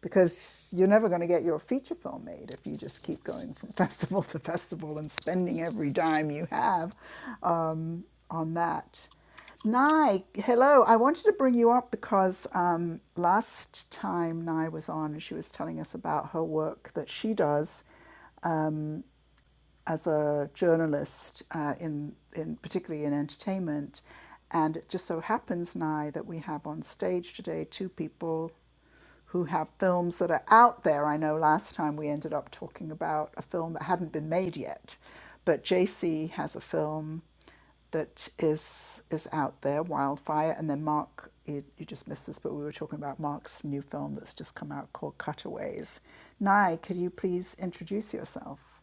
[SPEAKER 1] because you're never going to get your feature film made if you just keep going from festival to festival and spending every dime you have um, on that. Nai, hello. I wanted to bring you up because um, last time Nai was on, she was telling us about her work that she does as a journalist, uh, in, in particularly in entertainment. And it just so happens Nye, that we have on stage today two people who have films that are out there. I know last time we ended up talking about a film that hadn't been made yet, but JC has a film that is is out there, Wildfire, and then Mark, you, you just missed this, but we were talking about Mark's new film that's just come out called Cutaways. Nye, could you please introduce yourself?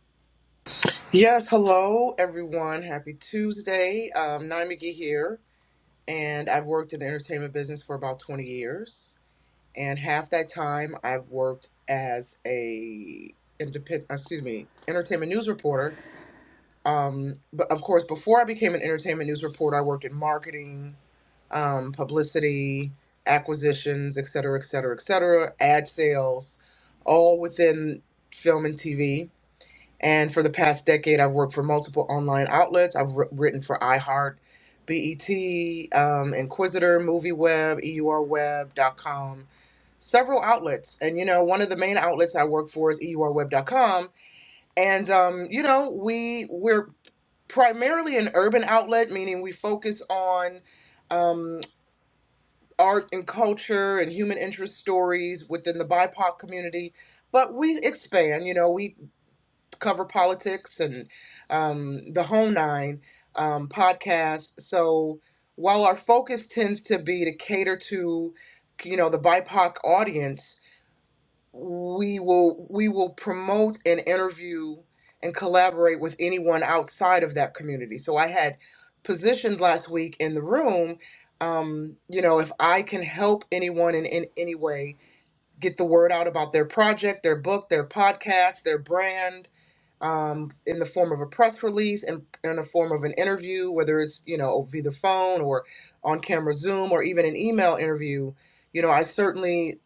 [SPEAKER 7] Yes, hello everyone. Happy Tuesday. Um, Nye McGee here, and I've worked in the entertainment business for about 20 years. And half that time, I've worked as a independent, excuse me, entertainment news reporter. Um, but of course, before I became an entertainment news reporter, I worked in marketing, um, publicity, acquisitions, et cetera, et cetera, et cetera, ad sales, all within film and TV. And for the past decade, I've worked for multiple online outlets. I've wr- written for iHeart, BET, um, Inquisitor, MovieWeb, EURWeb.com, several outlets. And, you know, one of the main outlets I work for is EURWeb.com. And, um, you know, we, we're primarily an urban outlet, meaning we focus on um, art and culture and human interest stories within the BIPOC community. But we expand, you know, we cover politics and um, the whole nine um, podcast. So while our focus tends to be to cater to, you know, the BIPOC audience, we will we will promote and interview and collaborate with anyone outside of that community. So I had positioned last week in the room. Um, you know, if I can help anyone in, in any way, get the word out about their project, their book, their podcast, their brand, um, in the form of a press release and in, the form of an interview, whether it's you know via the phone or on camera Zoom or even an email interview. You know, I certainly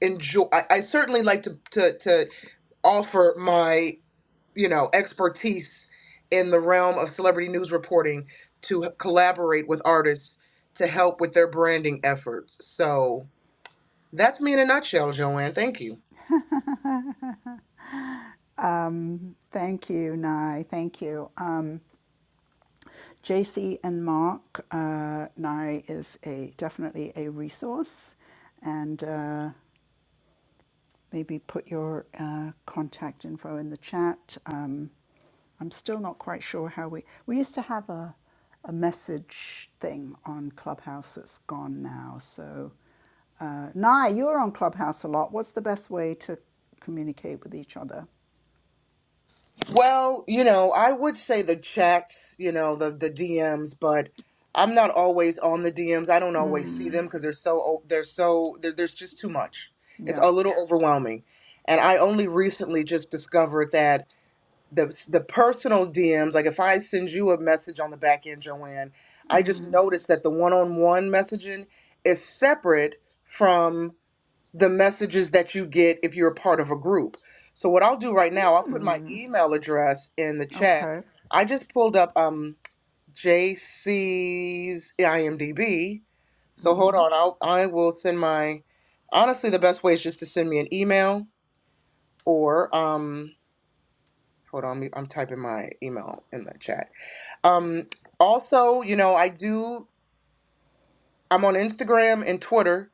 [SPEAKER 7] enjoy. I, I certainly like to to to offer my you know expertise in the realm of celebrity news reporting to h- collaborate with artists to help with their branding efforts. So that's me in a nutshell, Joanne. Thank you.
[SPEAKER 1] Thank you, Nai. Thank you. Uh, JC and Mark, uh, Nye is a definitely a resource, and uh, maybe put your uh, contact info in the chat. Um, I'm still not quite sure how we we used to have a a message thing on Clubhouse that's gone now. So, uh, Nye, you're on Clubhouse a lot. What's the best way to communicate with each other?
[SPEAKER 7] Well, you know, I would say the chats, you know, the the DMs, but I'm not always on the DMs. I don't always see them because they're so o- they're so there, there's just too much. It's
[SPEAKER 1] Yeah.
[SPEAKER 7] a little overwhelming, and I only recently just discovered that the the personal DMs, like if I send you a message on the back end, Joanne, I just noticed that the one on one messaging is separate from the messages that you get if you're a part of a group. So what I'll do right now, I'll put my email address in the chat.
[SPEAKER 1] Okay.
[SPEAKER 7] I just pulled up um J C's IMDb. So hold on, I'll I will send my honestly the best way is just to send me an email or um hold on, I'm typing my email in the chat. Um also, you know, I do I'm on Instagram and Twitter.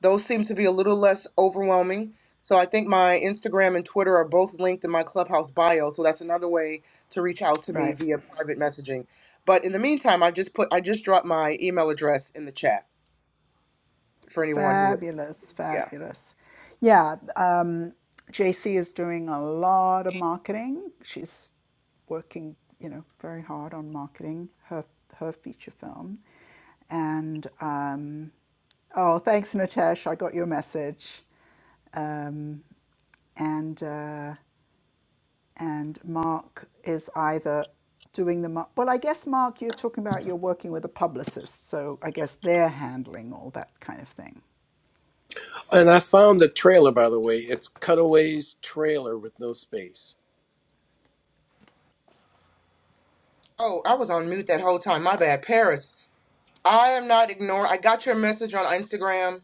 [SPEAKER 7] Those seem to be a little less overwhelming. So I think my Instagram and Twitter are both linked in my Clubhouse bio. So that's another way to reach out to me
[SPEAKER 1] Right.
[SPEAKER 7] via private messaging. But in the meantime, I just put I just dropped my email address in the chat for anyone who would
[SPEAKER 1] Fabulous,
[SPEAKER 7] yeah.
[SPEAKER 1] fabulous. Yeah, um, JC is doing a lot of marketing. She's working, you know, very hard on marketing her her feature film. And um, oh, thanks, Natesh. I got your message. Um, and uh, and Mark is either doing the mar- well. I guess Mark, you're talking about you're working with a publicist, so I guess they're handling all that kind of thing.
[SPEAKER 3] And I found the trailer, by the way. It's Cutaways trailer with no space.
[SPEAKER 7] Oh, I was on mute that whole time. My bad, Paris. I am not ignoring. I got your message on Instagram.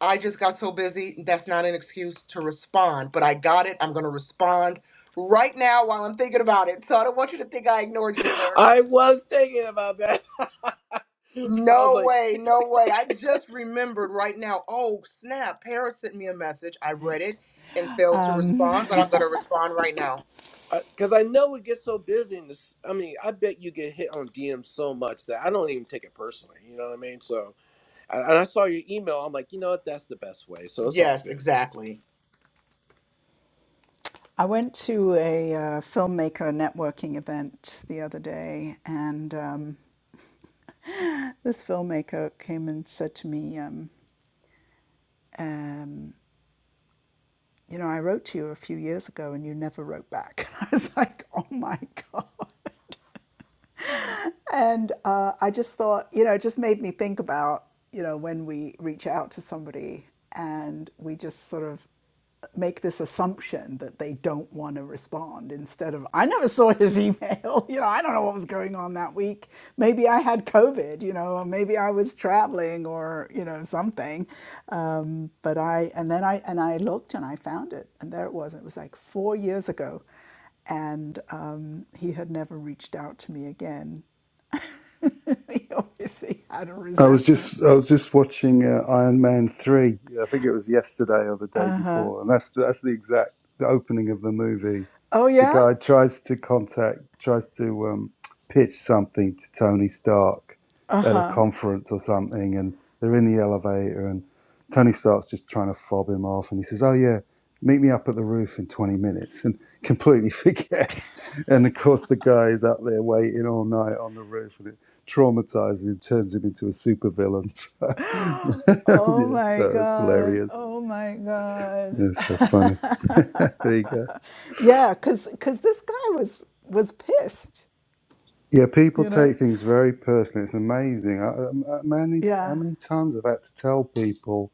[SPEAKER 7] I just got so busy. That's not an excuse to respond, but I got it. I'm going to respond right now while I'm thinking about it. So I don't want you to think I ignored you, sir.
[SPEAKER 3] I was thinking about that. I was
[SPEAKER 7] No
[SPEAKER 3] like,
[SPEAKER 7] way, no way. I just remembered right now. Oh, snap. Paris sent me a message. I read it and failed to
[SPEAKER 1] Um,
[SPEAKER 7] respond, but I'm going to respond right now.
[SPEAKER 3] because I know it gets so busy. And this, I mean, I bet you get hit on DM so much that I don't even take it personally. You know what I mean? So, and and I saw your email. I'm like, you know what? That's the best way. So it's all
[SPEAKER 7] Yes,
[SPEAKER 3] good.
[SPEAKER 7] exactly.
[SPEAKER 1] I went to a uh, filmmaker networking event the other day, and um, this filmmaker came and said to me, um, um, You know, I wrote to you a few years ago and you never wrote back. And I was like, Oh my God. and uh, I just thought, you know, it just made me think about, you know, when we reach out to somebody and we just sort of make this assumption that they don't want to respond instead of, I never saw his email. You know, I don't know what was going on that week. Maybe I had COVID, you know, or maybe I was traveling or, you know, something. Um, but I, and then I, and I looked and I found it and there it was. It was like four years ago and um, he had never reached out to me again. He obviously had a
[SPEAKER 5] I was
[SPEAKER 1] resentment.
[SPEAKER 5] just I was just watching uh, Iron Man three. Yeah, I think it was yesterday or the day before, and that's that's the exact opening of the movie.
[SPEAKER 1] Oh,
[SPEAKER 5] the
[SPEAKER 1] yeah?
[SPEAKER 5] guy tries to contact, tries to um, pitch something to Tony Stark at a conference or something, and they're in the elevator, and Tony Stark's just trying to fob him off, and he says, "Oh yeah, meet me up at the roof in 20 minutes," and completely forgets, and of course the guy is up there waiting all night on the roof, and it traumatizes him, turns him into a supervillain. So,
[SPEAKER 1] Oh
[SPEAKER 5] yeah,
[SPEAKER 1] my
[SPEAKER 5] so it's
[SPEAKER 1] God.
[SPEAKER 5] hilarious.
[SPEAKER 1] Oh my God.
[SPEAKER 5] Yeah, so funny. there you go.
[SPEAKER 1] Yeah, because because this guy was was pissed,
[SPEAKER 5] Yeah, people
[SPEAKER 1] you know?
[SPEAKER 5] take things very personally. It's amazing. I, I, I- many, how
[SPEAKER 1] Yeah.
[SPEAKER 5] many times I've had to tell people,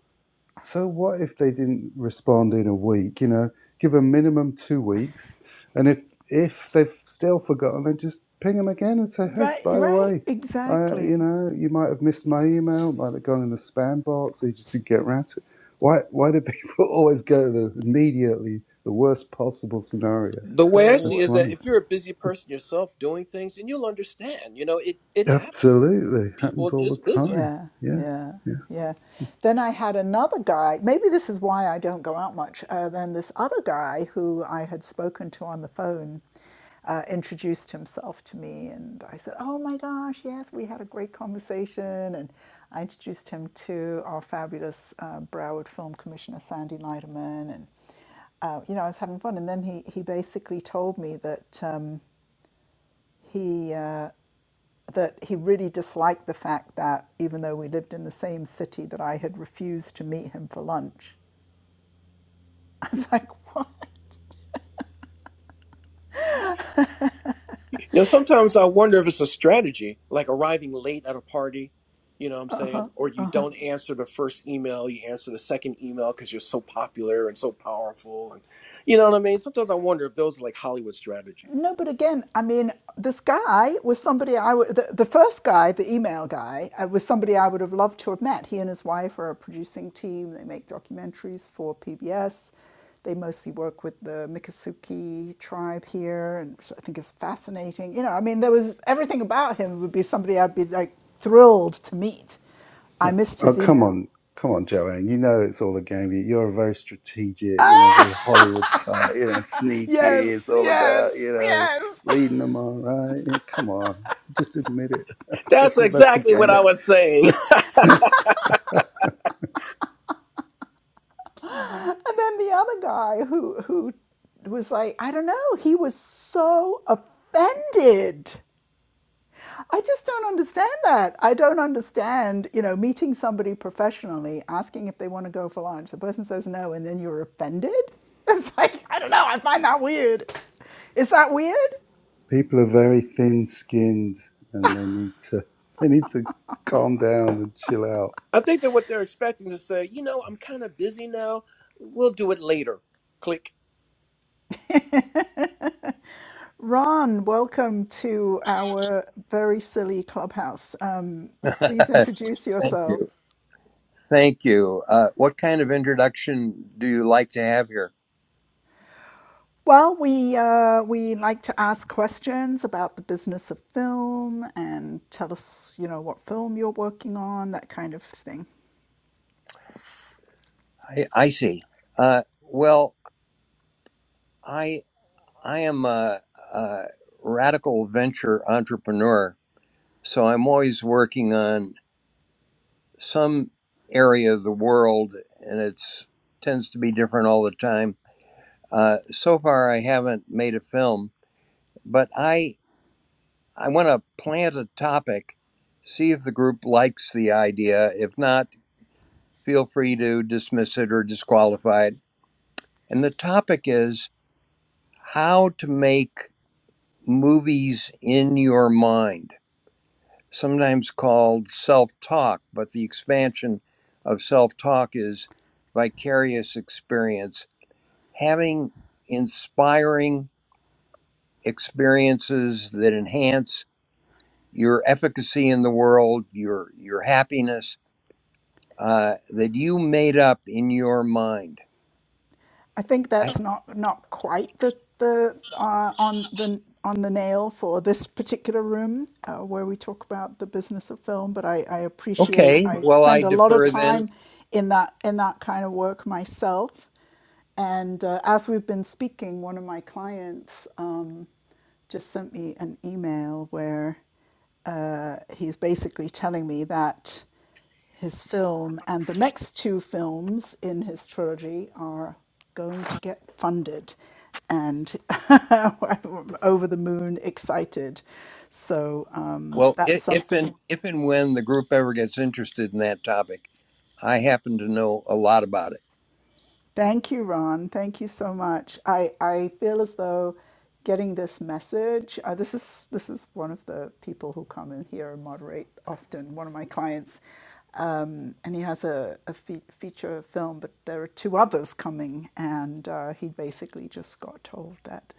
[SPEAKER 5] so what if they didn't respond in a week? You know, give a minimum two weeks. And if if they've still forgotten, then just ping them again and say, hey,
[SPEAKER 1] Right,
[SPEAKER 5] by the
[SPEAKER 1] right,
[SPEAKER 5] way, uh, you
[SPEAKER 1] exactly.
[SPEAKER 5] know, you might have missed my email, might have gone in the spam box, or you just didn't get around to it. Why, why do people always go to the immediately the worst possible scenario?
[SPEAKER 3] The
[SPEAKER 1] The,
[SPEAKER 3] way I
[SPEAKER 5] So
[SPEAKER 3] see it
[SPEAKER 1] wo-
[SPEAKER 3] is that
[SPEAKER 5] funny.
[SPEAKER 3] if you're a busy person yourself doing things, and you'll understand. You know, it it happens.
[SPEAKER 5] Absolutely.
[SPEAKER 3] People
[SPEAKER 5] Happens
[SPEAKER 3] are
[SPEAKER 5] all the
[SPEAKER 3] just busy.
[SPEAKER 5] time.
[SPEAKER 1] Yeah,
[SPEAKER 5] Yeah.
[SPEAKER 1] yeah,
[SPEAKER 5] Yeah.
[SPEAKER 1] yeah. Then I had another guy. Maybe this is why I don't go out much. Uh, then this other guy who I had spoken to on the phone uh, introduced himself to me, and I said, "Oh my gosh, yes, we had a great conversation." And I introduced him to our fabulous uh, Broward Film Commissioner Sandy Leiderman, and uh, you know I was having fun. And then he he basically told me that um, he. uh, that he really disliked the fact that even though we lived in the same city that I had refused to meet him for lunch. I was like, "What?"
[SPEAKER 3] You know, sometimes I wonder if it's a strategy, like arriving late at a party, you know what I'm saying? Or you don't answer the first email, you answer the second email because you're so popular and so powerful. And you know what I mean? Sometimes I wonder if those are like Hollywood strategies.
[SPEAKER 1] No, but again, I mean, this guy was somebody I would, the, the first guy, the email guy, uh, was somebody I would have loved to have met. He and his wife are a producing team. They make documentaries for PBS. They mostly work with the Miccosukee tribe here, and so I think it's fascinating. You know, I mean, there was everything about him would be somebody I'd be like thrilled to meet. I missed
[SPEAKER 5] Oh,
[SPEAKER 1] his
[SPEAKER 5] come
[SPEAKER 1] email.
[SPEAKER 5] on. Come on, Joanne. You know it's all a game. You- You're a very strategic, you know, very Hollywood type, you know, sneaky. It's
[SPEAKER 1] Yes,
[SPEAKER 5] all about,
[SPEAKER 1] yes,
[SPEAKER 5] you know,
[SPEAKER 1] yes.
[SPEAKER 5] leading them on, right? Yeah, come on. Just admit it. That's,
[SPEAKER 3] That's
[SPEAKER 5] that's, that's the
[SPEAKER 3] exactly what I
[SPEAKER 5] game.
[SPEAKER 3] was saying.
[SPEAKER 1] And then the other guy who who was like, I don't know, he was so offended. I just don't understand that. I don't understand, you know, meeting somebody professionally, asking if they want to go for lunch. The person says no, and then you're offended. It's like, I don't know, I find that weird. Is that weird?
[SPEAKER 5] People are very thin skinned and they need to, they need to calm down and chill out.
[SPEAKER 3] I think that what they're expecting is to say, you know, I'm kind of busy now. We'll do it later. Click.
[SPEAKER 1] Ron, welcome to our very silly clubhouse. Um, please
[SPEAKER 8] Uh,
[SPEAKER 1] introduce
[SPEAKER 8] Thank
[SPEAKER 1] yourself.
[SPEAKER 8] you. Thank you. Uh, what kind of introduction do you like to have here?
[SPEAKER 1] Well, we uh, we like to ask questions about the business of film and tell us, you know, what film you're working on, that kind of thing.
[SPEAKER 8] I, I see. Uh, well, I I am a, a radical venture entrepreneur, so I'm always working on some area of the world, and it's tends to be different all the time. Uh, so far, I haven't made a film, but I I want to plant a topic, see if the group likes the idea. If not, feel free to dismiss it or disqualify it. And the topic is how to make movies in your mind, sometimes called self talk, but the expansion of self talk is vicarious experience, having inspiring experiences that enhance your efficacy in the world, your your happiness uh, that you made up in your mind.
[SPEAKER 1] I think
[SPEAKER 8] I,
[SPEAKER 1] that's not not quite the the uh, on the on the nail for this particular room uh, where we talk about the business of film. But I, I appreciate
[SPEAKER 8] okay,
[SPEAKER 1] I
[SPEAKER 8] well I
[SPEAKER 1] spend a lot of
[SPEAKER 8] defer then
[SPEAKER 1] time in that in that kind of work myself. And uh, as we've been speaking, one of my clients. um, just sent me an email where uh, he's basically telling me that his film and the next two films in his trilogy are going to get funded. And I'm over the moon excited. So um,
[SPEAKER 8] Well,
[SPEAKER 1] that's
[SPEAKER 8] i- if
[SPEAKER 1] something
[SPEAKER 8] and if and when the group ever gets interested in that topic, I happen to know a lot about it.
[SPEAKER 1] Thank you, Ron. Thank you so much. I, I feel as though getting this message. Uh, this is this is one of the people who come in here and moderate often. One of my clients, um, and he has a, a fe- feature film, but there are two others coming, and uh, he basically just got told that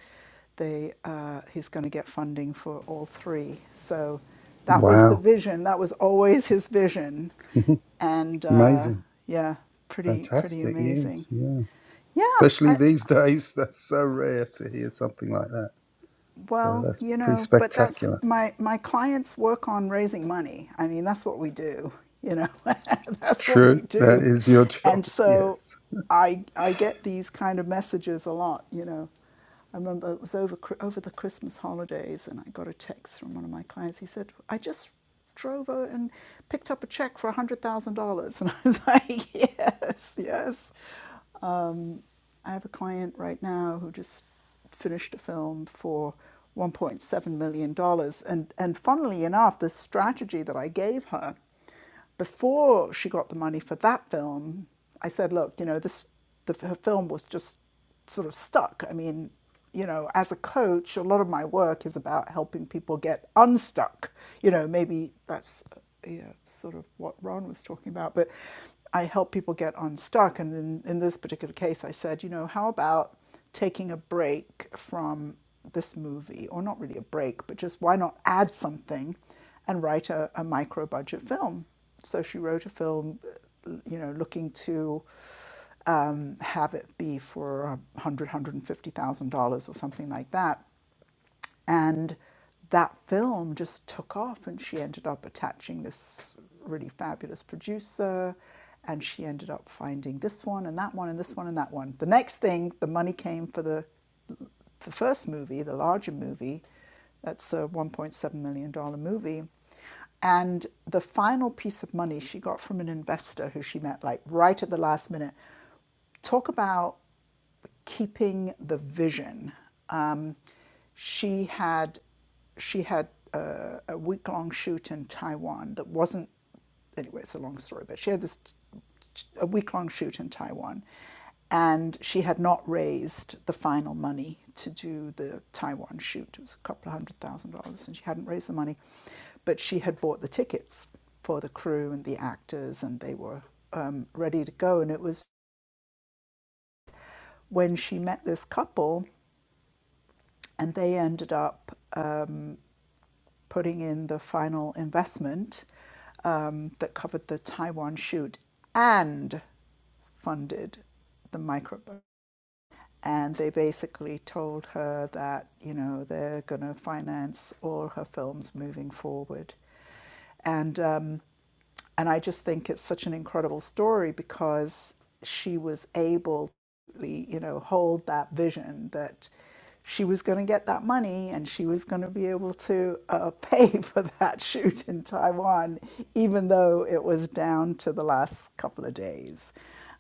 [SPEAKER 1] they uh, he's going to get funding for all three. So that was the
[SPEAKER 5] Wow.
[SPEAKER 1] vision. That was always his vision, and uh,
[SPEAKER 5] Amazing.
[SPEAKER 1] yeah, pretty pretty
[SPEAKER 5] Fantastic news.
[SPEAKER 1] amazing.
[SPEAKER 5] Yeah.
[SPEAKER 1] Yeah,
[SPEAKER 5] Especially
[SPEAKER 1] I,
[SPEAKER 5] these days, that's so rare to hear something like that. So
[SPEAKER 1] Well,
[SPEAKER 5] that's
[SPEAKER 1] you
[SPEAKER 5] pretty
[SPEAKER 1] know, but that's
[SPEAKER 5] spectacular.
[SPEAKER 1] my my clients work on raising money. I mean, that's what we do, you know. that's what we
[SPEAKER 5] True, that
[SPEAKER 1] do.
[SPEAKER 5] is your job.
[SPEAKER 1] And so
[SPEAKER 5] Yes.
[SPEAKER 1] I I get these kind of messages a lot, you know. I remember it was over over the Christmas holidays and I got a text from one of my clients. He said, "I just drove over and picked up a check for $100,000." And I was like, "Yes, yes." I have a client right now who just finished a film for $1.7 million. dollars. And, and funnily enough, the strategy that I gave her before she got the money for that film, I said, look, you know, this the, her film was just sort of stuck. I mean, you know, as a coach, a lot of my work is about helping people get unstuck. You know, maybe that's you know, sort of what Ron was talking about, but I help people get unstuck. And in, in this particular case, I said, you know, how about taking a break from this movie, or not really a break, but just why not add something and write a, a micro budget film? So she wrote a film, you know, looking to um, have it be for a hundred, thousand dollars, one hundred and fifty thousand dollars or something like that. And that film just took off, and she ended up attaching this really fabulous producer. And she ended up finding this one and that one and this one and that one. The next thing, the money came for the the first movie, the larger movie, that's a $1.7 million dollars movie. And the final piece of money she got from an investor who she met like right at the last minute. Talk about keeping the vision. Um, she had she had a, a week long shoot in Taiwan that wasn't anyway. It's a long story, but she had this a week long shoot in Taiwan, and she had not raised the final money to do the Taiwan shoot. It was a couple of hundred thousand dollars, and she hadn't raised the money, but she had bought the tickets for the crew and the actors, and they were um, ready to go. And it was when she met this couple and they ended up um, putting in the final investment um, that covered the Taiwan shoot and funded the microburn. And they basically told her that you know they're going to finance all her films moving forward. And um, and I just think it's such an incredible story because she was able to, you know, hold that vision that she was going to get that money and she was going to be able to uh, pay for that shoot in Taiwan, even though it was down to the last couple of days.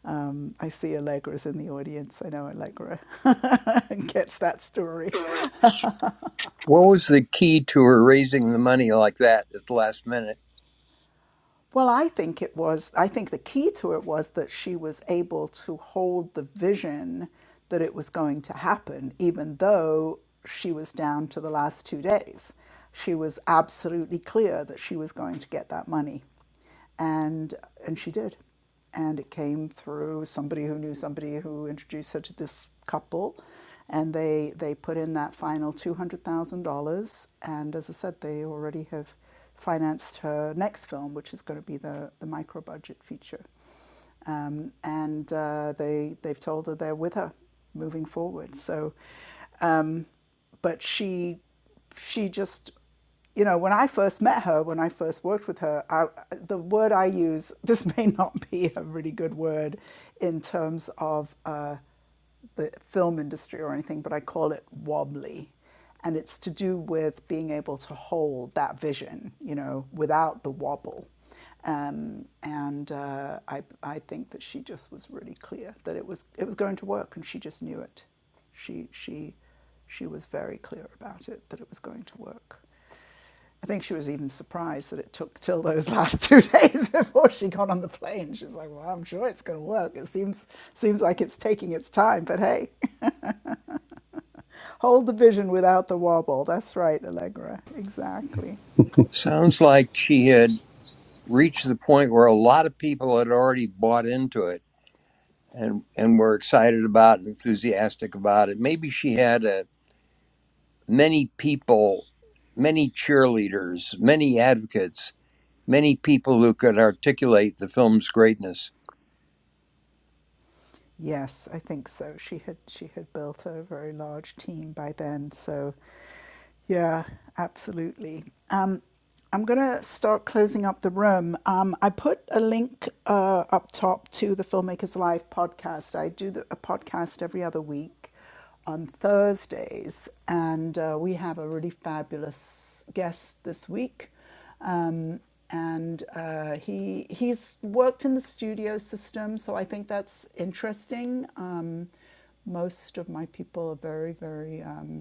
[SPEAKER 1] Um, I see Allegra's in the audience. I know Allegra gets that story.
[SPEAKER 8] What was the key to her raising the money like that at the last minute?
[SPEAKER 1] Well, I think it was, I think the key to it was that she was able to hold the vision that it was going to happen, even though she was down to the last two days. She was absolutely clear that she was going to get that money. And, and she did and it came through somebody who knew somebody who introduced her to this couple and they they put in that final $200,000 and as I said they already have financed her next film which is going to be the the micro budget feature um, and uh, they, they've told her they're with her moving forward. So, um, but she, she just, you know, when I first met her, when I first worked with her, I, the word I use, this may not be a really good word in terms of. Uh, the film industry or anything, but I call it wobbly. And it's to do with being able to hold that vision, you know, without the wobble. Um, and uh, I, I think that she just was really clear that it was, it was going to work and she just knew it. She, she, she was very clear about it, that it was going to work. I think she was even surprised that it took till those last two days before she got on the plane. She's like, "Well, I'm sure it's going to work. It seems seems like it's taking its time, but hey, hold the vision without the wobble." That's right, Allegra. Exactly.
[SPEAKER 8] Sounds like she had reached the point where a lot of people had already bought into it and and were excited about it, enthusiastic about it. Maybe she had a, many people, many cheerleaders, many advocates, many people who could articulate the film's greatness
[SPEAKER 1] Yes, I think so. She had she had built a very large team by then. So, yeah, absolutely. Um, I'm gonna start closing up the room. Um, I put a link uh, up top to the Filmmakers Live podcast. I do the, a podcast every other week on Thursdays, and uh, we have a really fabulous guest this week. Um, and uh, he he's worked in the studio system, so I think that's interesting. Um, most of my people are very very um,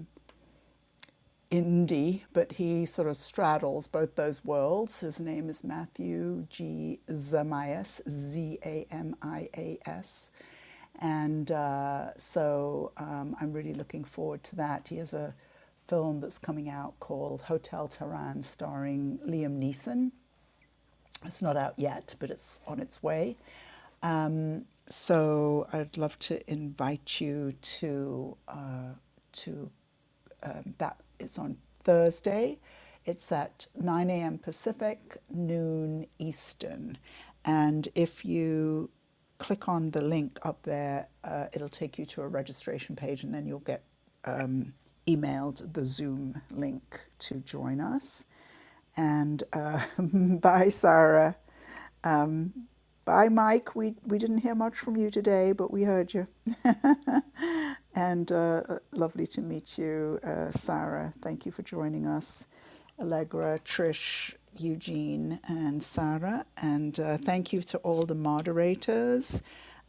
[SPEAKER 1] indie, but he sort of straddles both those worlds. His name is Matthew G. Zamias, Z A M I A S. And uh, so um, I'm really looking forward to that. He has a film that's coming out called Hotel Tehran, starring Liam Neeson. It's not out yet, but it's on its way. Um, so I'd love to invite you to uh, to um, that. It's on Thursday. It's at 9 a.m. Pacific, noon Eastern. And if you click on the link up there, uh, it'll take you to a registration page, and then you'll get um, emailed the Zoom link to join us and uh, bye, Sarah. Um, Bye, Mike. We, we didn't hear much from you today, but we heard you. And uh, uh, lovely to meet you, uh, Sarah. Thank you for joining us, Allegra, Trish, Eugene, and Sarah. And uh, thank you to all the moderators,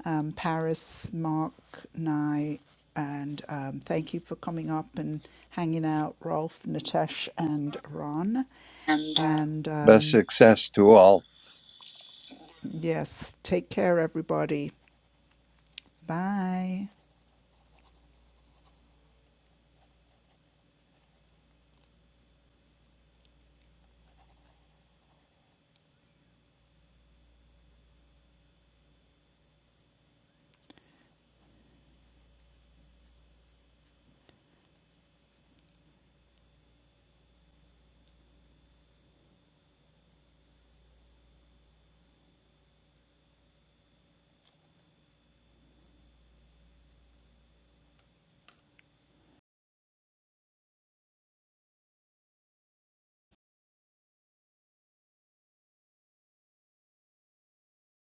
[SPEAKER 1] um, Paris, Mark, Nye, and um, thank you for coming up and hanging out, Rolf, Nitesh, and Ron.
[SPEAKER 8] and uh,
[SPEAKER 1] And
[SPEAKER 8] Best
[SPEAKER 1] um,
[SPEAKER 8] success to all.
[SPEAKER 1] yes, take care, everybody. Bye.